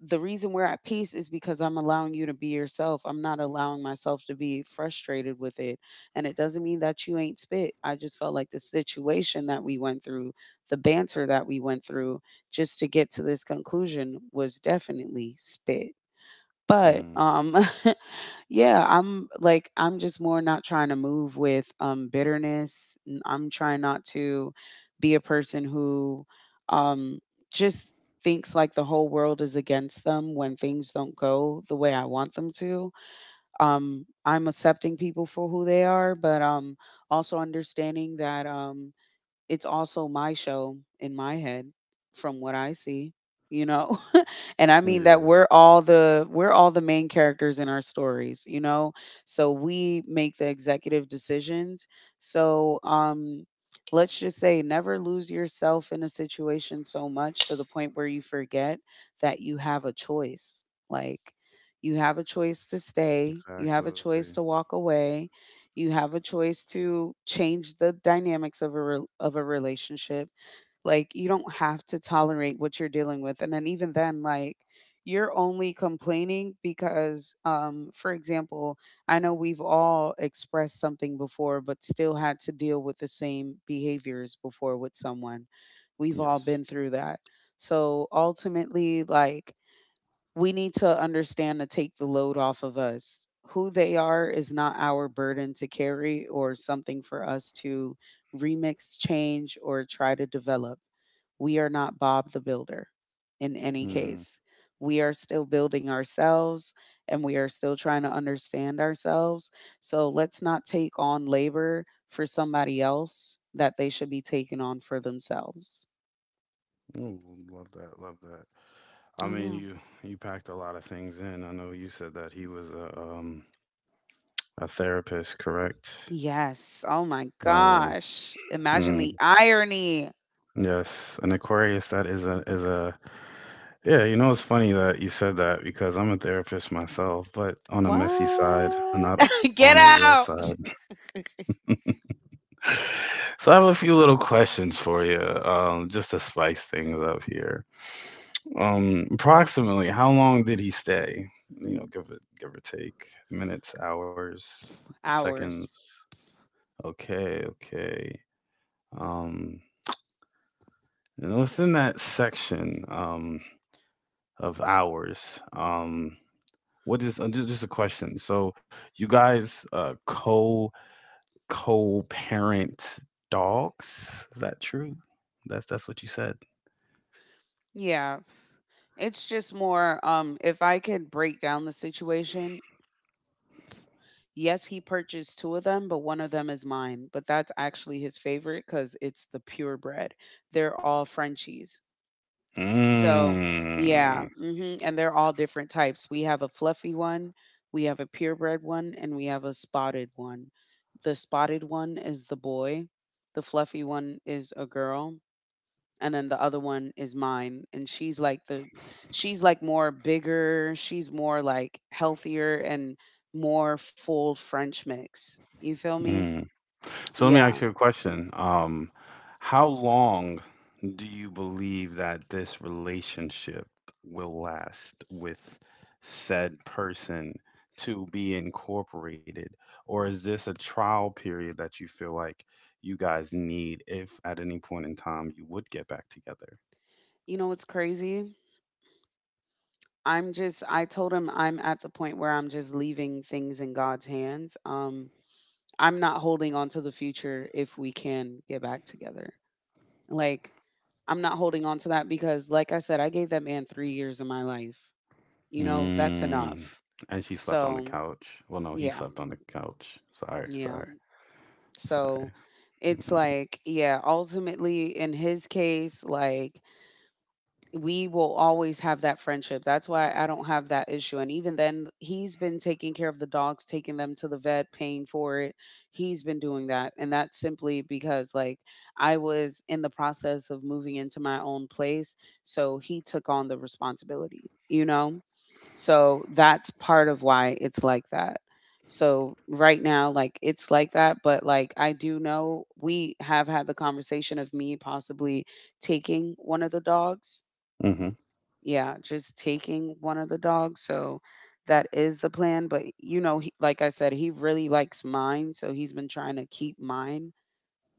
[SPEAKER 2] the reason we're at peace is because I'm allowing you to be yourself. I'm not allowing myself to be frustrated with it. And it doesn't mean that you ain't spit. I just felt like the situation that we went through, the banter that we went through just to get to this conclusion was definitely spit. But
[SPEAKER 1] Mm,
[SPEAKER 2] um Yeah, I'm like I'm just more not trying to move with um bitterness. N- I'm trying not to be a person who um just thinks like the whole world is against them when things don't go the way I want them to. Um I'm accepting people for who they are, but um also understanding that um it's also my show in my head from what I see, you know? And I mean that
[SPEAKER 1] yeah.
[SPEAKER 2] we're all the we're all the main characters in our stories, you know? So we make the executive decisions. So um let's just say never lose yourself in a situation so much to the point where you forget that you have a choice. Like you have a choice to stay, you have a
[SPEAKER 1] Exactly.
[SPEAKER 2] choice to walk away, you have a choice to change the dynamics of a rel of a relationship. Like, you don't have to tolerate what you're dealing with, and then even then, like, you're only complaining because, um, for example, I know we've all expressed something before, but still had to deal with the same behaviors before with someone. We've all
[SPEAKER 1] Yes.
[SPEAKER 2] been through that. So ultimately, like, we need to understand to take the load off of us. Who they are is not our burden to carry or something for us to remix, change, or try to develop. We are not Bob the Builder in any
[SPEAKER 1] Mm.
[SPEAKER 2] case. We are still building ourselves and we are still trying to understand ourselves. So let's not take on labor for somebody else that they should be taking on for themselves.
[SPEAKER 1] Ooh, love that. Love that. I
[SPEAKER 2] Oh,
[SPEAKER 1] mean,
[SPEAKER 2] yeah.
[SPEAKER 1] you you packed a lot of things in. I know you said that he was a um a therapist, correct?
[SPEAKER 2] Yes. Oh my
[SPEAKER 1] Oh.
[SPEAKER 2] gosh. Imagine
[SPEAKER 1] Mm,
[SPEAKER 2] the irony.
[SPEAKER 1] yes. An Aquarius that is a is a yeah. You know, it's funny that you said that because I'm a therapist myself, but on a messy side,
[SPEAKER 2] What?
[SPEAKER 1] not on a
[SPEAKER 2] Get
[SPEAKER 1] real side.
[SPEAKER 2] out.
[SPEAKER 1] So I have a few little questions for you, um, just to spice things up here. Um, approximately, how long did he stay? You know, give it, give or take minutes, hours, seconds.
[SPEAKER 2] Hours.
[SPEAKER 1] Okay, okay. Um, and within that section um, of hours, um, what is uh, ju- just a question? So you guys uh, co co parent dogs? Is that true? That's that's what you said.
[SPEAKER 2] Yeah. It's just more um if I could break down the situation, yes, he purchased two of them, but one of them is mine. But that's actually his favorite because it's the purebred. They're all Frenchies. So, yeah,
[SPEAKER 1] Mm,
[SPEAKER 2] mhm, and they're all different types. We have a fluffy one, we have a purebred one, and we have a spotted one. The spotted one is the boy, the fluffy one is a girl, and then the other one is mine. And she's like the, she's like more bigger, she's more like healthier and more full French mix. You feel me?
[SPEAKER 1] mm. So let me ask you a
[SPEAKER 2] Yeah.
[SPEAKER 1] question. Um, how long do you believe that this relationship will last with said person to be incorporated? Or is this a trial period that you feel like you guys need if at any point in time you would get back together?
[SPEAKER 2] You know what's crazy? I'm just I told him I'm at the point where I'm just leaving things in God's hands. Um, I'm not holding on to the future if we can get back together. Like, I'm not holding on to that because, like I said, I gave that man three years of my life. You know, that's
[SPEAKER 1] Mm.
[SPEAKER 2] enough.
[SPEAKER 1] And she slept on the
[SPEAKER 2] So,
[SPEAKER 1] couch. Well, no, he
[SPEAKER 2] yeah,
[SPEAKER 1] slept on the couch. Sorry, sorry,
[SPEAKER 2] yeah.
[SPEAKER 1] sorry.
[SPEAKER 2] So it's like, yeah, ultimately in his case, like, we will always have that friendship. That's why I don't have that issue. And even then, he's been taking care of the dogs, taking them to the vet, paying for it. He's been doing that. And that's simply because, like, I was in the process of moving into my own place. So he took on the responsibility, you know? So that's part of why it's like that. So right now, like, it's like that. But, like, I do know we have had the conversation of me possibly taking one of the dogs,
[SPEAKER 1] Mm.
[SPEAKER 2] yeah, just taking one of the dogs, so that is the plan, but, you know, he like I said, he really likes mine, so he's been trying to keep mine,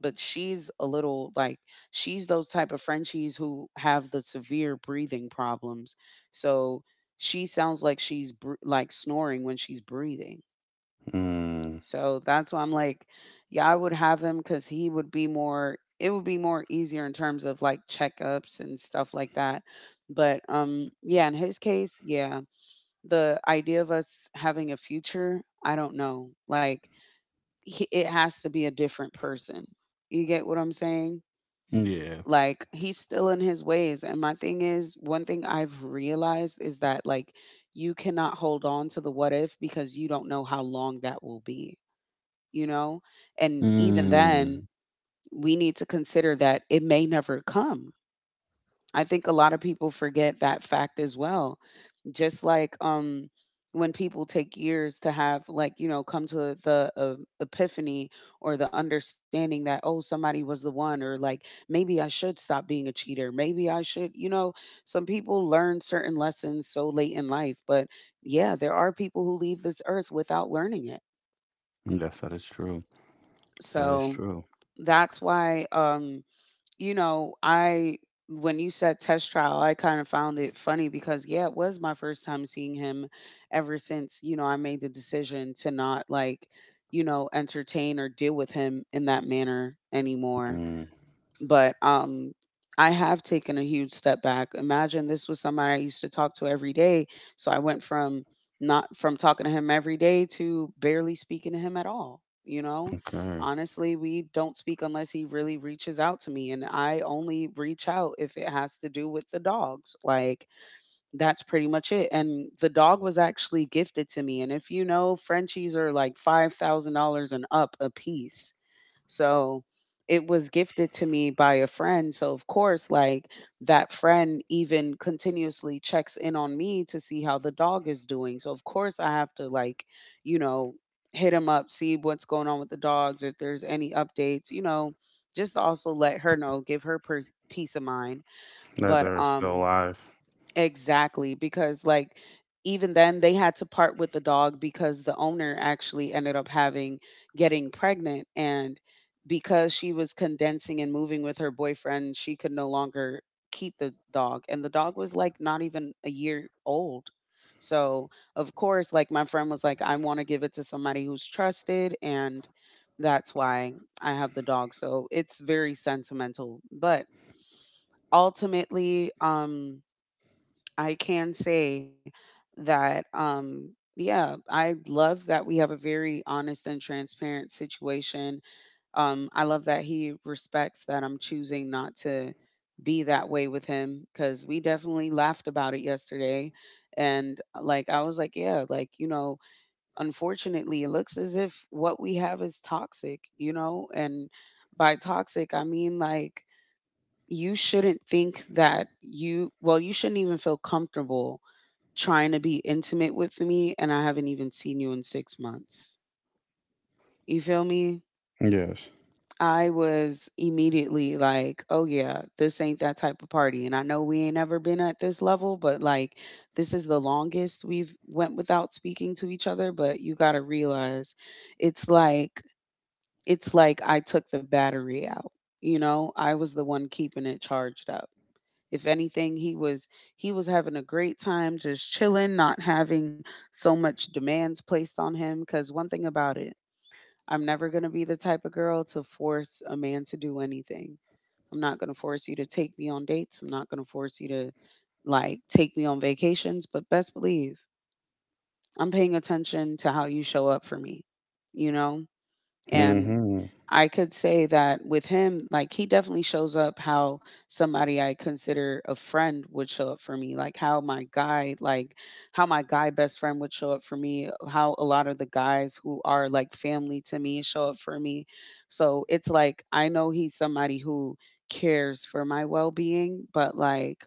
[SPEAKER 2] but she's a little, like she's those type of Frenchies who have the severe breathing problems, so she sounds like she's br like, snoring when she's breathing.
[SPEAKER 1] Mm.
[SPEAKER 2] So that's why I'm like, yeah, I would have him because he would be more. It would be more easier in terms of like checkups and stuff like that. But um, yeah, in his case, yeah, the idea of us having a future, I don't know. Like, he, it has to be a different person. You get what I'm saying?
[SPEAKER 1] Yeah.
[SPEAKER 2] Like, he's still in his ways. And my thing is, one thing I've realized is that like, you cannot hold on to the what if because you don't know how long that will be, you know? And even then,
[SPEAKER 1] Mm.
[SPEAKER 2] we need to consider that it may never come. I think a lot of people forget that fact as well. Just like um when people take years to have like, you know, come to the uh, epiphany or the understanding that oh, somebody was the one or like maybe I should stop being a cheater. Maybe I should, you know, some people learn certain lessons so late in life, but yeah, there are people who leave this earth without learning it.
[SPEAKER 1] Yes, that is true. That is
[SPEAKER 2] So
[SPEAKER 1] true.
[SPEAKER 2] that's why um you know, I when you said test trial, I kind of found it funny because yeah, it was my first time seeing him ever since, you know, I made the decision to not like, you know, entertain or deal with him in that manner anymore,
[SPEAKER 1] Mm.
[SPEAKER 2] but um I have taken a huge step back. Imagine this was somebody I used to talk to every day, so I went from not from talking to him every day to barely speaking to him at all, you know?
[SPEAKER 1] Okay.
[SPEAKER 2] Honestly, we don't speak unless he really reaches out to me and I only reach out if it has to do with the dogs. Like that's pretty much it, and the dog was actually gifted to me, and if you know, Frenchies are like five thousand dollars and up a piece. So it was gifted to me by a friend. So, of course, like that friend even continuously checks in on me to see how the dog is doing. So, of course, I have to, like, you know, hit him up, see what's going on with the dogs, if there's any updates, you know, just to also let her know, give her pers- peace of mind.
[SPEAKER 1] That
[SPEAKER 2] But,
[SPEAKER 1] they're still
[SPEAKER 2] um,
[SPEAKER 1] alive.
[SPEAKER 2] exactly, because like even then they had to part with the dog because the owner actually ended up having, getting pregnant and because she was condensing and moving with her boyfriend, she could no longer keep the dog and the dog was like not even a year old. So, of course, like my friend was like I want to give it to somebody who's trusted and that's why I have the dog. So, it's very sentimental, but ultimately um I can say that, um, yeah, I love that we have a very honest and transparent situation. Um, I love that he respects that I'm choosing not to be that way with him because we definitely laughed about it yesterday. And uh, like, I was like, yeah, like, you know, unfortunately, it looks as if what we have is toxic, you know? And by toxic, I mean like, you shouldn't think that you well you shouldn't even feel comfortable trying to be intimate with me and I haven't even seen you in six months. You feel me?
[SPEAKER 1] Yes.
[SPEAKER 2] I was immediately like, "Oh yeah, this ain't that type of party." And I know we ain't ever been at this level, but like this is the longest we've went without speaking to each other, but you got to realize it's like it's like I took the battery out. You know, I was the one keeping it charged up. If anything, he was he was having a great time just chilling, not having so much demands placed on him. Cause one thing about it, I'm never going to be the type of girl to force a man to do anything. I'm not going to force you to take me on dates. I'm not going to force you to like take me on vacations, but best believe I'm paying attention to how you show up for me, you know? And
[SPEAKER 1] Mm-hmm.
[SPEAKER 2] I could say that with him, like he definitely shows up how somebody I consider a friend would show up for me, like how my guy, like how my guy best friend would show up for me, how a lot of the guys who are like family to me show up for me. So it's like I know he's somebody who cares for my well being, but like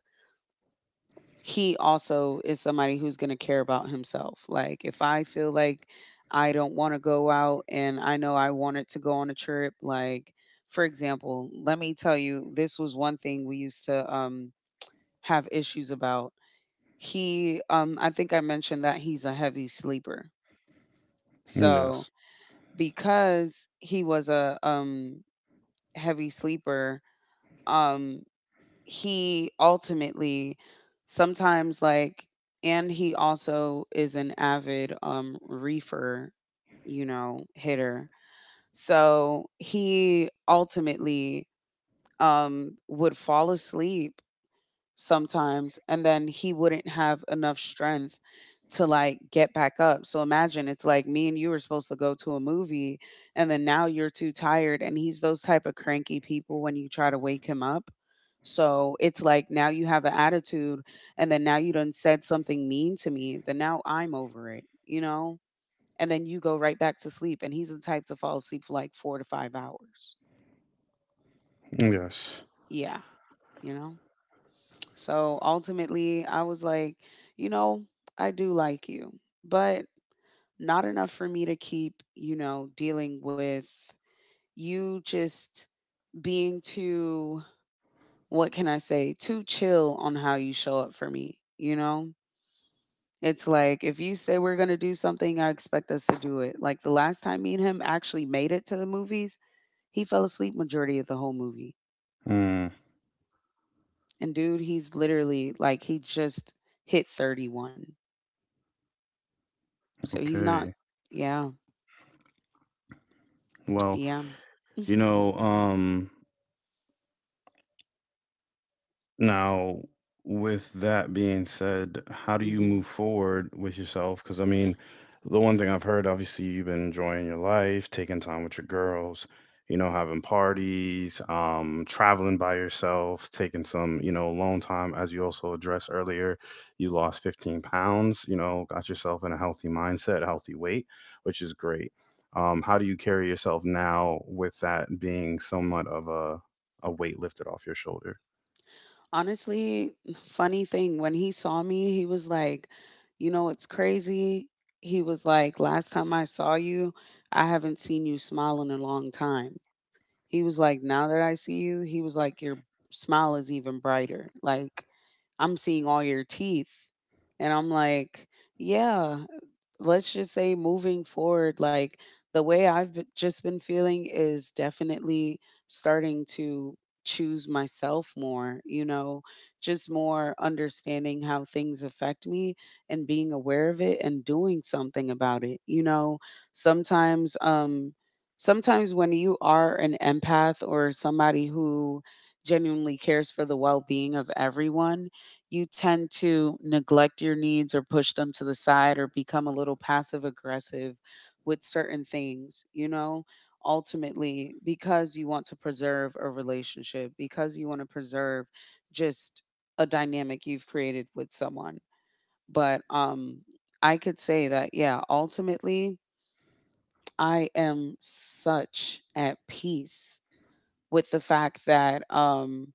[SPEAKER 2] he also is somebody who's going to care about himself. Like if I feel like I don't want to go out and I know I wanted to go on a trip, like for example, let me tell you, this was one thing we used to um have issues about. He um I think I mentioned that he's a heavy sleeper. So
[SPEAKER 1] Yes.
[SPEAKER 2] because he was a um heavy sleeper, um he ultimately sometimes like and he also is an avid um reefer, you know, hitter. So he ultimately um would fall asleep sometimes and then he wouldn't have enough strength to like get back up. So imagine it's like me and you were supposed to go to a movie and then now you're too tired and he's those type of cranky people when you try to wake him up. So it's like now you have an attitude and then now you done said something mean to me, then now I'm over it, you know? And then you go right back to sleep and he's the type to fall asleep for like four to five hours.
[SPEAKER 1] Yes.
[SPEAKER 2] Yeah, you know? So ultimately, I was like, you know, I do like you, but not enough for me to keep, you know, dealing with you just being too, what can I say, too chill on how you show up for me, you know? It's like if you say we're going to do something, I expect us to do it. Like the last time me and him actually made it to the movies, he fell asleep majority of the whole movie.
[SPEAKER 1] Mm.
[SPEAKER 2] And dude, he's literally like he just hit thirty-one. So he's not,
[SPEAKER 1] Okay.
[SPEAKER 2] yeah.
[SPEAKER 1] Well,
[SPEAKER 2] Yeah.
[SPEAKER 1] you know, um, now, with that being said, how do you move
[SPEAKER 2] Mhm.
[SPEAKER 1] forward with yourself? Because I mean, the one thing I've heard, obviously, you've been enjoying your life, taking time with your girls, you know, having parties, um, traveling by yourself, taking some, you know, alone time. As you also addressed earlier, you lost fifteen pounds, you know, got yourself in a healthy mindset, healthy weight, which is great. Um, how do you carry yourself now with that being somewhat of a, a weight lifted off your shoulder?
[SPEAKER 2] Honestly, funny thing, when he saw me, he was like, "You know, it's crazy." He was like, "Last time I saw you, I haven't seen you smile in a long time." He was like, "Now that I see you," he was like, "Your smile is even brighter. Like, I'm seeing all your teeth." And I'm like, "Yeah." Let's just say moving forward, like the way i've b- just been feeling is definitely starting to choose myself more, you know, just more understanding how things affect me and being aware of it and doing something about it, you know. sometimes um Sometimes when you are an empath or somebody who genuinely cares for the well-being of everyone, you tend to neglect your needs or push them to the side or become a little passive aggressive with certain things, you know, ultimately because you want to preserve a relationship, because you want to preserve just a dynamic you've created with someone. But um I could say that, yeah, ultimately I am such at peace with the fact that, um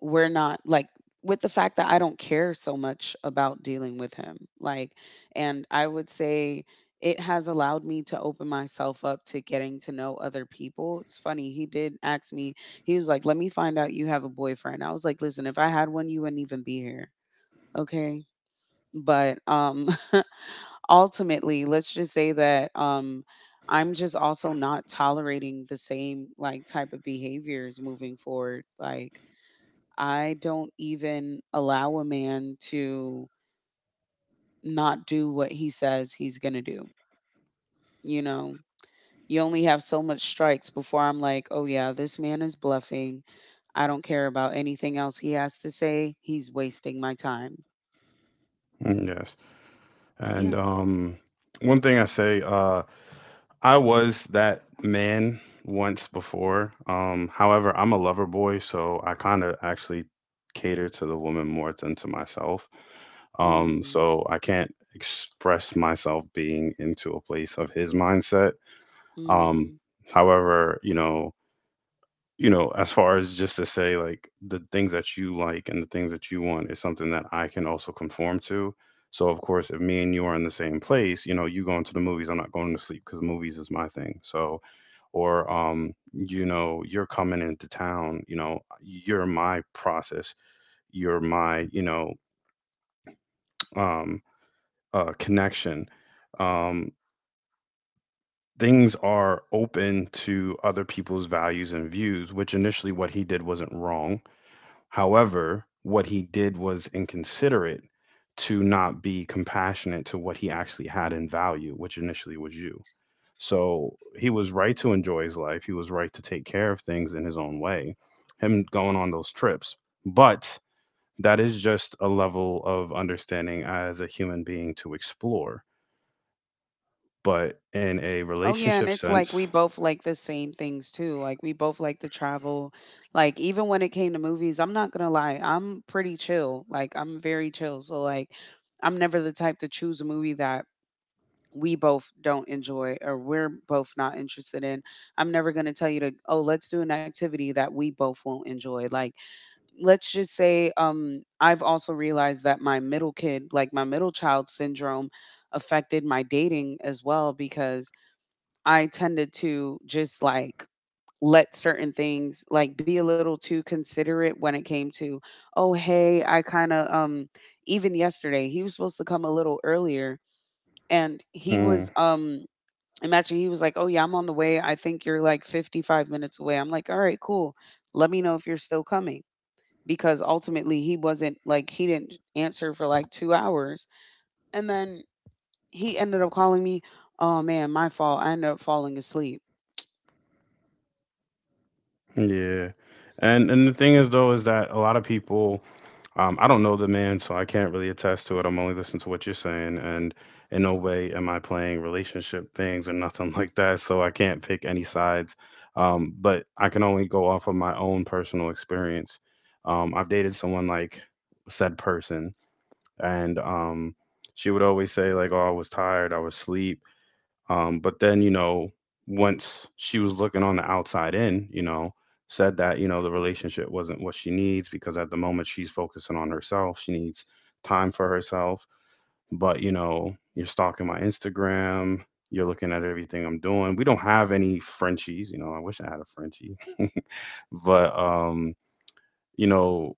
[SPEAKER 2] we're not like with the fact that I don't care so much about dealing with him. Like, and I would say it has allowed me to open myself up to getting to know other people. It's funny, he did ask me, he was like, "Let me find out you have a boyfriend." I was like, "Listen, if I had one, you wouldn't even be here. Okay." But um ultimately, let's just say that um I'm just also not tolerating the same like type of behaviors moving forward. Like I don't even allow a man to not do what he says he's going to do. You know, you only have so much strikes before I'm like, oh, yeah, this man is bluffing. I don't care about anything else he has to say. He's wasting my time.
[SPEAKER 1] Mm, yes. And
[SPEAKER 2] Yeah.
[SPEAKER 1] um, one thing I say, uh, I was that man once before. Um, however, I'm a lover boy, so I kind of actually cater to the woman more than to myself. Um,
[SPEAKER 2] Mm.
[SPEAKER 1] so I can't express myself being into a place of his mindset. Um,
[SPEAKER 2] Mm.
[SPEAKER 1] however, you know, you know, as far as just to say like the things that you like and the things that you want is something that I can also conform to. So of course, if me and you are in the same place, you know, you going to the movies, I'm not going to sleep because movies is my thing. So, or um, you know, you're coming into town, you know, you're my process, you're my, you know, um, uh, connection. Um, things are open to other people's values and views, which initially what he did wasn't wrong. However, what he did was inconsiderate to not be compassionate to what he actually had in value, which initially was you. So he was right to enjoy his life. He was right to take care of things in his own way, him going on those trips. But that is just a level of understanding as a human being to explore. But in a
[SPEAKER 2] Oh yeah, and
[SPEAKER 1] relationship
[SPEAKER 2] it's like we
[SPEAKER 1] sense,
[SPEAKER 2] both like the same things too. Like we both like to travel. Like even when it came to movies, I'm not gonna lie, I'm pretty chill. Like I'm very chill. So like I'm never the type to choose a movie that we both don't enjoy or we're both not interested in. I'm never gonna tell you to, oh, let's do an activity that we both won't enjoy. Like let's just say um I've also realized that my middle kid, like my middle child syndrome affected my dating as well because I tended to just like let certain things like be a little too considerate when it came to, oh hey, I kind of um even yesterday he was supposed to come a little earlier and he was
[SPEAKER 1] mm,
[SPEAKER 2] um imagine he was like, "Oh yeah, I'm on the way. I think you're like fifty-five minutes away." I'm like, "All right, cool. Let me know if you're still coming." Because ultimately he wasn't like he didn't answer for like two hours and then he ended up calling me, "Oh man, my fault. I ended up falling asleep."
[SPEAKER 1] yeah. And and the thing is though is that a lot of people, um I don't know the man, so I can't really attest to it. I'm only listening to what you're saying, and in no way am I playing relationship things or nothing like that, so I can't pick any sides. Um but I can only go off of my own personal experience. Um I've dated someone like said person, and um she would always say like, oh, I was tired, I was asleep, um, but then, you know, once she was looking on the outside in, you know, said that, you know, the relationship wasn't what she needs because at the moment she's focusing on herself. She needs time for herself. But, you know, you're stalking my Instagram. You're looking at everything I'm doing. We don't have any Frenchies. You know, I wish I had a Frenchie. But, um, you know,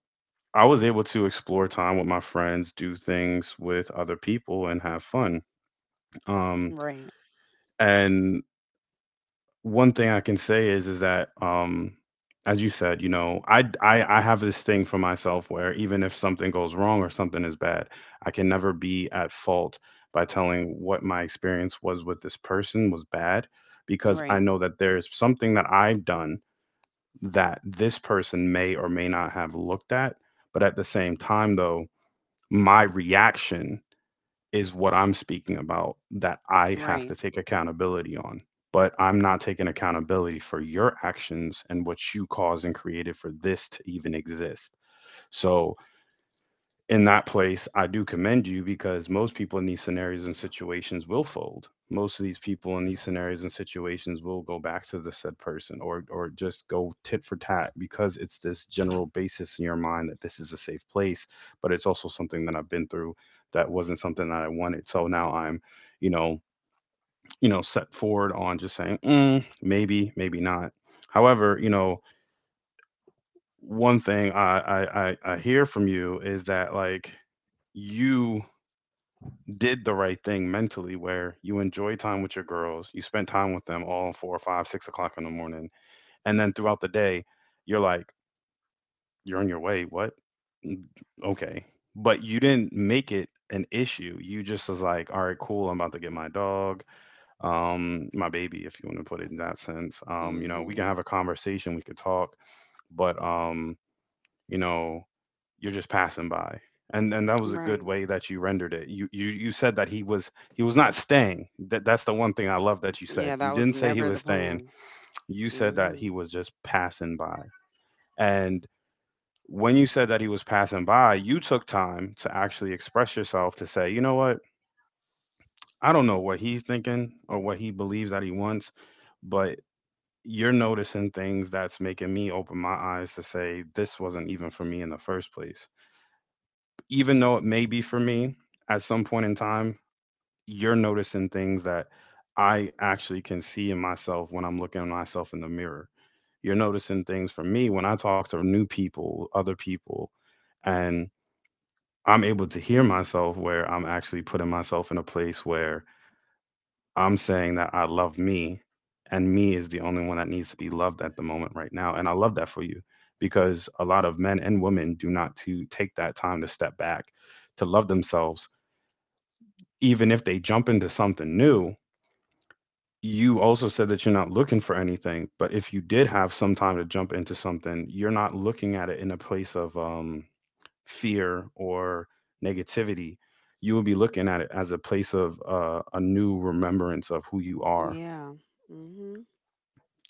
[SPEAKER 1] I was able to explore time with my friends, do things with other people, and have fun. Um,
[SPEAKER 2] Right.
[SPEAKER 1] and one thing I can say is is that um as you said, you know, I I I have this thing for myself where even if something goes wrong or something is bad, I can never be at fault by telling what my experience was with this person was bad because I
[SPEAKER 2] Right.
[SPEAKER 1] know that there's something that I've done that this person may or may not have looked at, but at the same time though, my reaction is what I'm speaking about that I have
[SPEAKER 2] Right.
[SPEAKER 1] to take accountability on. But I'm not taking accountability for your actions and what you caused and created for this to even exist. So in that place, I do commend you because most people in these scenarios and situations will fold. Most of these people in these scenarios and situations will go back to the said person or or just go tit for tat because it's this general basis in your mind that this is a safe place, but it's also something that I've been through that wasn't something that I wanted. So now I'm, you know, you know, set forward on just saying, mm, maybe, maybe not. However, you know, one thing I, I I I hear from you is that like you did the right thing mentally where you enjoy time with your girls, you spent time with them all four, five, six o'clock in the morning, and then throughout the day, you're like, you're on your way. What? Mm, okay. But you didn't make it an issue. You just was like, all right, cool. I'm about to get my dog, um, my baby, if you want to put it in that sense. Um, you know, we can
[SPEAKER 2] Mhm.
[SPEAKER 1] have a conversation, we could talk, but um, you know, you're just passing by. And and that was a good
[SPEAKER 2] Right.
[SPEAKER 1] way that you rendered it. You you you said that he was he was not staying. That that's the one thing I love that you
[SPEAKER 2] Yeah,
[SPEAKER 1] said.
[SPEAKER 2] that
[SPEAKER 1] You
[SPEAKER 2] was
[SPEAKER 1] didn't say he
[SPEAKER 2] never the
[SPEAKER 1] was staying.
[SPEAKER 2] plan.
[SPEAKER 1] You said that he
[SPEAKER 2] Mhm.
[SPEAKER 1] was just passing by, and when you said that he was passing by, you took time to actually express yourself to say, you know what, I don't know what he's thinking or what he believes that he wants. But you're noticing things that's making me open my eyes to say this wasn't even for me in the first place, even though it may be for me at some point in time. You're noticing things that I actually can see in myself when I'm looking at myself in the mirror. You're noticing things for me when I talk to new people, other people, and I'm able to hear myself where I'm actually putting myself in a place where I'm saying that I love me, and me is the only one that needs to be loved at the moment right now. And I love that for you because a lot of men and women do not to take that time to step back to love themselves. Even if they jump into something new, you also said that you're not looking for anything. But if you did have some time to jump into something, you're not looking at it in a place of um, fear or negativity. You will be looking at it as a place of uh, a new remembrance of who you are.
[SPEAKER 2] Yeah. Mhm.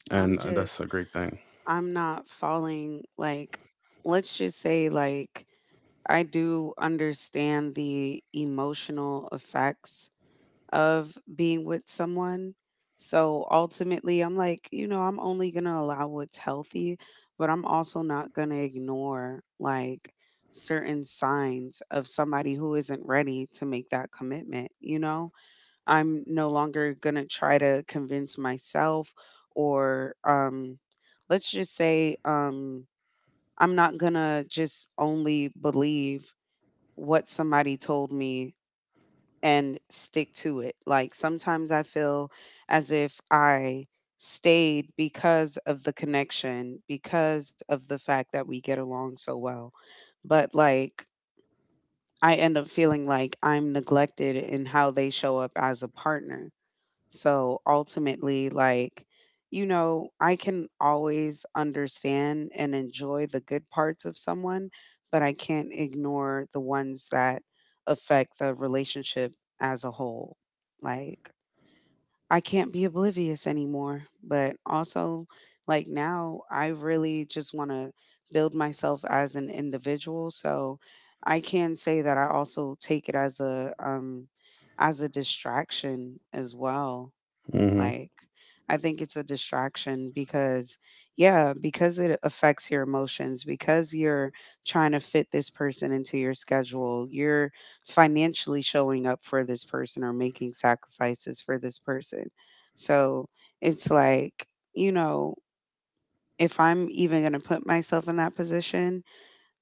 [SPEAKER 1] And
[SPEAKER 2] I'm
[SPEAKER 1] uh, that's
[SPEAKER 2] just
[SPEAKER 1] a great thing.
[SPEAKER 2] I'm not falling like, let's just say like, I do understand the emotional effects of being with someone. So ultimately, I'm like, you know, I'm only going to allow what's healthy, but I'm also not going to ignore like certain signs of somebody who isn't ready to make that commitment. You know, I'm no longer going to try to convince myself or, um, let's just say, um, I'm not going to just only believe what somebody told me and stick to it. Like sometimes I feel as if I stayed because of the connection, because of the fact that we get along so well. But like I end up feeling like I'm neglected in how they show up as a partner. So ultimately, like, you know, I can always understand and enjoy the good parts of someone, but I can't ignore the ones that affect the relationship as a whole. Like, I can't be oblivious anymore, but also, like, now I really just want to build myself as an individual. So I can say that I also take it as a, um, as a distraction as well.
[SPEAKER 1] Hmm.
[SPEAKER 2] Like, I think it's a distraction because, yeah, because it affects your emotions, because you're trying to fit this person into your schedule, you're financially showing up for this person or making sacrifices for this person. So it's like, you know, if I'm even going to put myself in that position,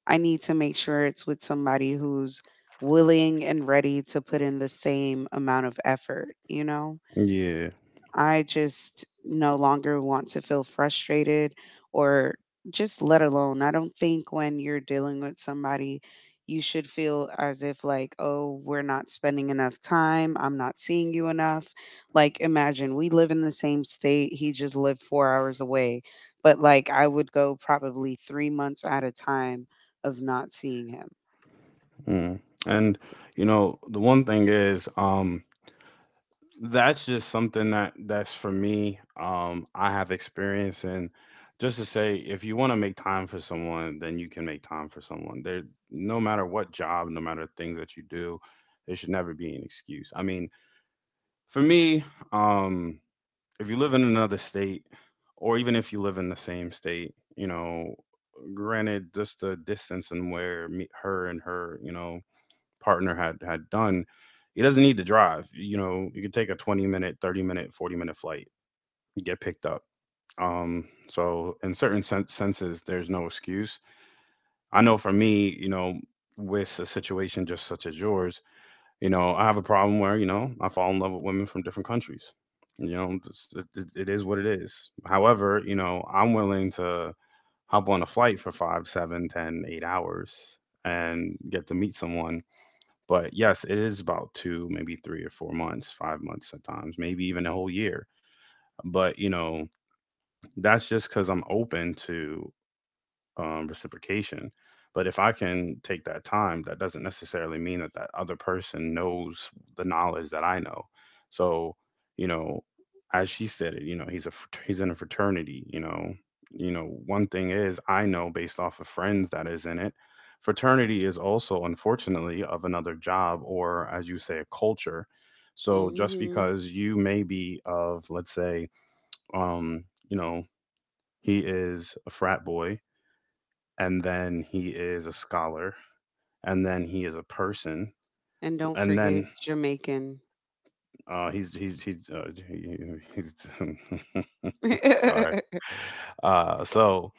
[SPEAKER 2] I need to make sure it's with somebody who's willing and ready to put in the same amount of effort, you know?
[SPEAKER 1] Yeah.
[SPEAKER 2] I just no longer want to feel frustrated or just let alone. I don't think when you're dealing with somebody, you should feel as if, like, oh, we're not spending enough time. I'm not seeing you enough. Like, imagine we live in the same state. He just lived four hours away. But, like, I would go probably three months at a time of not seeing him.
[SPEAKER 1] Mm. And, you know, the one thing is, um, that's just something that that's for me. Um, I have experience and just to say, if you want to make time for someone, then you can make time for someone. There, no matter what job, no matter things that you do, there should never be an excuse. I mean, for me, um, if you live in another state, or even if you live in the same state, you know, granted, just the distance and where me, her and her, you know, partner had had done, he doesn't need to drive. You know, you could take a twenty minute, thirty minute, forty minute flight, you get picked up. Um, so in certain sen- senses, there's no excuse. I know for me, you know, with a situation just such as yours, you know, I have a problem where, you know, I fall in love with women from different countries. You know, it's- it, it it is what it is. However, you know, I'm willing to hop on a flight for five, seven, ten, eight hours and get to meet someone, but yes, it is about two, maybe three or four months, five months at times, maybe even a whole year. But you know, that's just because I'm open to um, reciprocation. But if I can take that time, that doesn't necessarily mean that that other person knows the knowledge that I know. So, you know, as she said it, you know, he's a frat- he's in a fraternity. You know, you know, one thing is I know based off of friends that is in it. Fraternity is also, unfortunately, of another job or, as you say, a culture. So just
[SPEAKER 2] Hmm.
[SPEAKER 1] because you may be of, let's say, um, you know, he is a frat boy, and then he is a scholar, and then he is a person,
[SPEAKER 2] And don't
[SPEAKER 1] and
[SPEAKER 2] forget
[SPEAKER 1] then
[SPEAKER 2] Jamaican.
[SPEAKER 1] uh, he's he's he's uh, he- he's sorry. Uh, so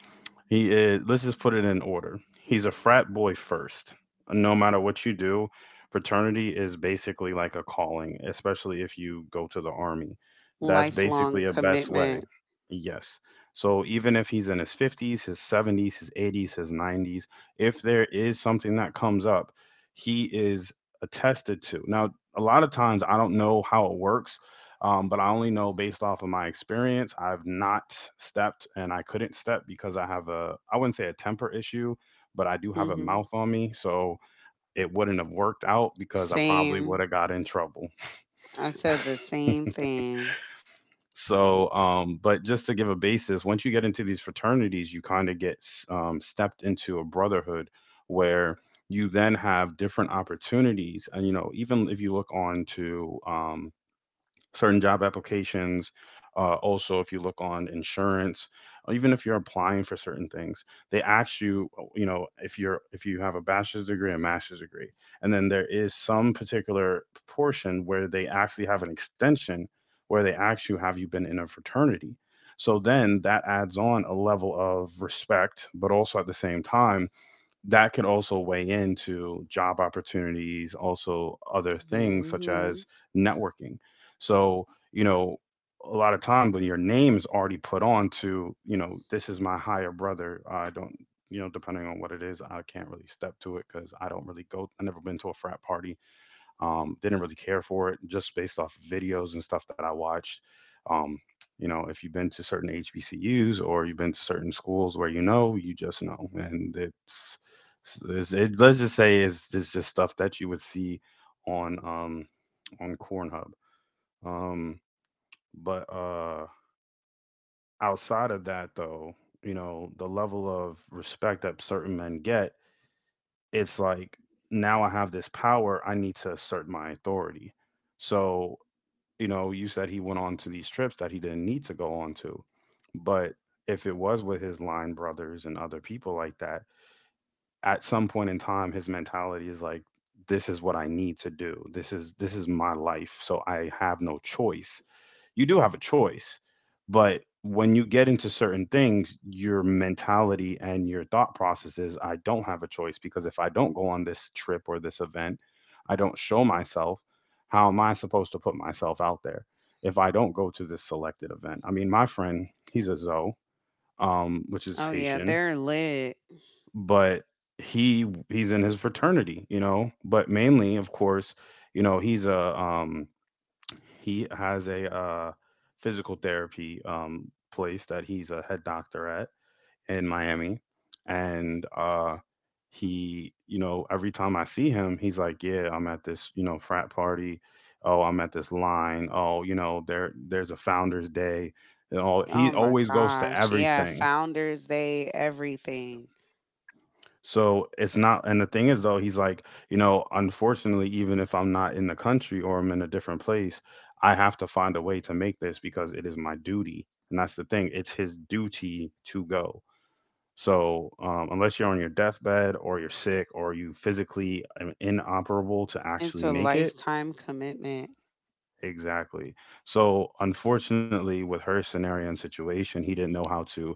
[SPEAKER 1] he is, let's just put it in order. He's a frat boy first. No matter what you do, fraternity is basically like a calling, especially if you go to the army. That's basically
[SPEAKER 2] Lifelong
[SPEAKER 1] a best
[SPEAKER 2] commitment.
[SPEAKER 1] way. Yes. So even if he's in his fifties, his seventies, his eighties, his nineties, if there is something that comes up, he is attested to. Now, a lot of times I don't know how it works, um, but I only know based off of my experience. I've not stepped and I couldn't step because I have a, I wouldn't say a temper issue, but I do have a
[SPEAKER 2] Hmm.
[SPEAKER 1] mouth on me. So it wouldn't have worked out because I probably
[SPEAKER 2] Same.
[SPEAKER 1] would have got in trouble.
[SPEAKER 2] I said the same thing.
[SPEAKER 1] So, um, but just to give a basis, once you get into these fraternities, you kind of get um, stepped into a brotherhood where you then have different opportunities. And, you know, even if you look on to, um, certain job applications. Uh, also, if you look on insurance, or even if you're applying for certain things, they ask you, oh, you know, if you're if you have a bachelor's degree, a master's degree, and then there is some particular portion where they actually have an extension where they ask you, have you been in a fraternity? So then that adds on a level of respect, but also at the same time that could also weigh into job opportunities, also other things such
[SPEAKER 2] Hmm.
[SPEAKER 1] as networking. So, you know, a lot of times when your name's already put on to, you know, this is my higher brother, I don't, you know, depending on what it is, I can't really step to it because I don't really go, I've never been to a frat party, um, didn't really care for it just based off videos and stuff that I watched. Um, you know, if you've been to certain H B C Us or you've been to certain schools where you know, you just know. And it's, it's it, let's just say it's, it's just stuff that you would see on um, on Cornhub. Um, but uh, outside of that, though, you know, the level of respect that certain men get, it's like now I have this power, I need to assert my authority. So you know, you said he went on to these trips that he didn't need to go on to. But if it was with his line brothers and other people like that, at some point in time, his mentality is like, this is what I need to do. This is this is my life, so I have no choice. You do have a choice, but when you get into certain things your mentality and your thought process is I don't have a choice, because if I don't go on this trip or this event, I don't show myself, how am I supposed to put myself out there if I don't go to this selected event? I mean my friend, he's a zo, um, which is
[SPEAKER 2] Oh yeah,
[SPEAKER 1] Haitian,
[SPEAKER 2] they're lit.
[SPEAKER 1] but he he's in his fraternity, you know, but mainly of course, you know he's a, um, he has a, uh, physical therapy um, place that he's a head doctor at in Miami, and uh, he, you know, every time I see him, he's like, "Yeah, I'm at this, you know, frat party. Oh, I'm at this line. Oh, you know, there, there's a Founder's Day." And all
[SPEAKER 2] Oh
[SPEAKER 1] he
[SPEAKER 2] my
[SPEAKER 1] always goes to
[SPEAKER 2] gosh. Yeah,
[SPEAKER 1] everything.
[SPEAKER 2] Founders Day, everything.
[SPEAKER 1] So it's not, and the thing is, though, he's like, you know, unfortunately, even if I'm not in the country or I'm in a different place, I have to find a way to make this because it is my duty. And that's the thing, it's his duty to go. So um, unless you're on your deathbed or you're sick or you physically am inoperable to
[SPEAKER 2] It's
[SPEAKER 1] actually
[SPEAKER 2] a
[SPEAKER 1] make it,
[SPEAKER 2] lifetime commitment.
[SPEAKER 1] exactly. So unfortunately, with her scenario and situation, he didn't know how to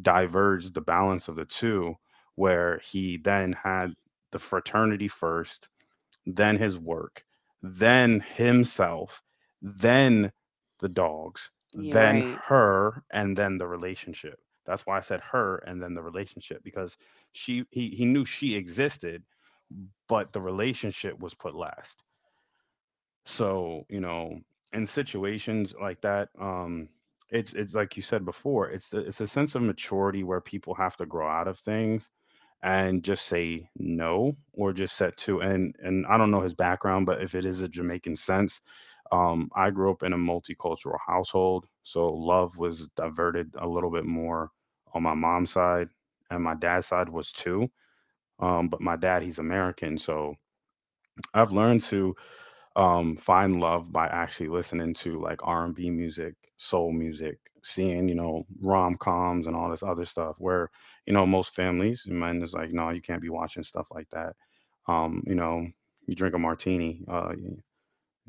[SPEAKER 1] diverged the balance of the two, where he then had the fraternity first, then his work, then himself, then the dogs,
[SPEAKER 2] You're
[SPEAKER 1] then
[SPEAKER 2] right.
[SPEAKER 1] her, and then the relationship. That's why I said her and then the relationship because she he, he knew she existed, but the relationship was put last. So, you know, in situations like that, um, it's it's like you said before, it's the, it's a sense of maturity where people have to grow out of things and just say no or just set to, and and I don't know his background, but if it is a Jamaican sense, um, I grew up in a multicultural household, so love was diverted a little bit more on my mom's side, and my dad's side was too. Um, but my dad, he's American, so I've learned to um, find love by actually listening to like R and B music, soul music, seeing you know rom coms and all this other stuff. Where you know most families and men is like, no, you can't be watching stuff like that. Um, you know, you drink a martini. Uh,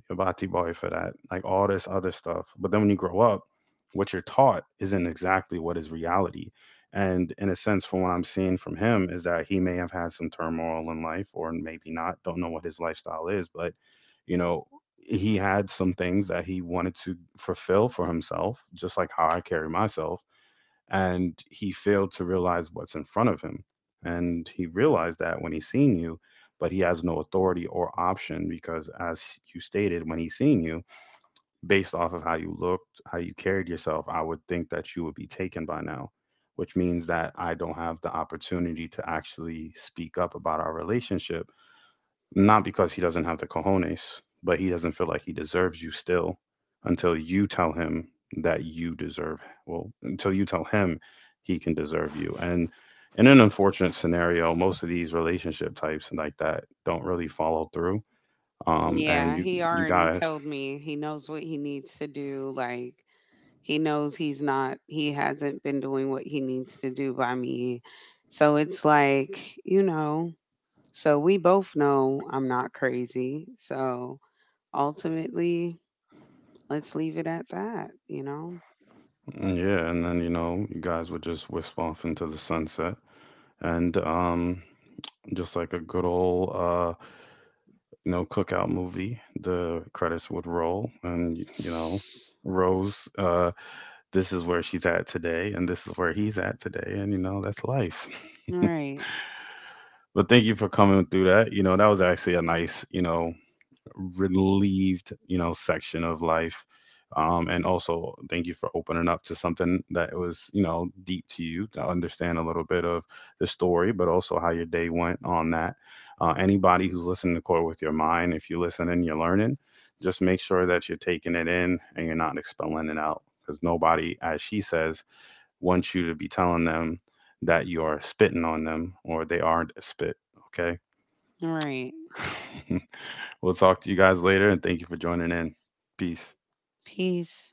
[SPEAKER 1] Bati Boy for that, like all this other stuff. But then when you grow up, what you're taught isn't exactly what is reality. And in a sense, from what I'm seeing from him, is that he may have had some turmoil in life or maybe not. Don't know what his lifestyle is, but you know, he had some things that he wanted to fulfill for himself, just like how I carry myself, and he failed to realize what's in front of him. And he realized that when he seen you, but he has no authority or option because, as you stated, when he seen you, based off of how you looked, how you carried yourself, I would think that you would be taken by now, which means that I don't have the opportunity to actually speak up about our relationship, not because he doesn't have the cojones, but he doesn't feel like he deserves you still until you tell him that you deserve, well, until you tell him he can deserve you. And in an unfortunate scenario, most of these relationship types like that don't really follow through. Um, and
[SPEAKER 2] Yeah,
[SPEAKER 1] you,
[SPEAKER 2] he
[SPEAKER 1] you
[SPEAKER 2] already
[SPEAKER 1] guys,
[SPEAKER 2] told me he knows what he needs to do. Like he knows he's not he hasn't been doing what he needs to do by me. So it's like, you know, so we both know I'm not crazy. So ultimately, let's leave it at that, you know?
[SPEAKER 1] mm, yeah, and then you know, you guys would just whisk off into the sunset, and um, just like a good old uh you know, cookout movie. The credits would roll, and y- you know, Rose, uh, this is where she's at today, and this is where he's at today, and you know, that's life.
[SPEAKER 2] All right.
[SPEAKER 1] But thank you for coming through that. You know, that was actually a nice, you know, relieved, you know, section of life. Um, and also, thank you for opening up to something that was, you know, deep to you, to understand a little bit of the story, but also how your day went on that. Uh, anybody who's listening to Court with Your Mind, if you're listening, you're learning. Just make sure that you're taking it in and you're not expelling it out because nobody, as she says, wants you to be telling them that you are spitting on them or they aren't a spit. Okay.
[SPEAKER 2] All right.
[SPEAKER 1] We'll talk to you guys later and thank you for joining in. Peace.
[SPEAKER 2] Peace.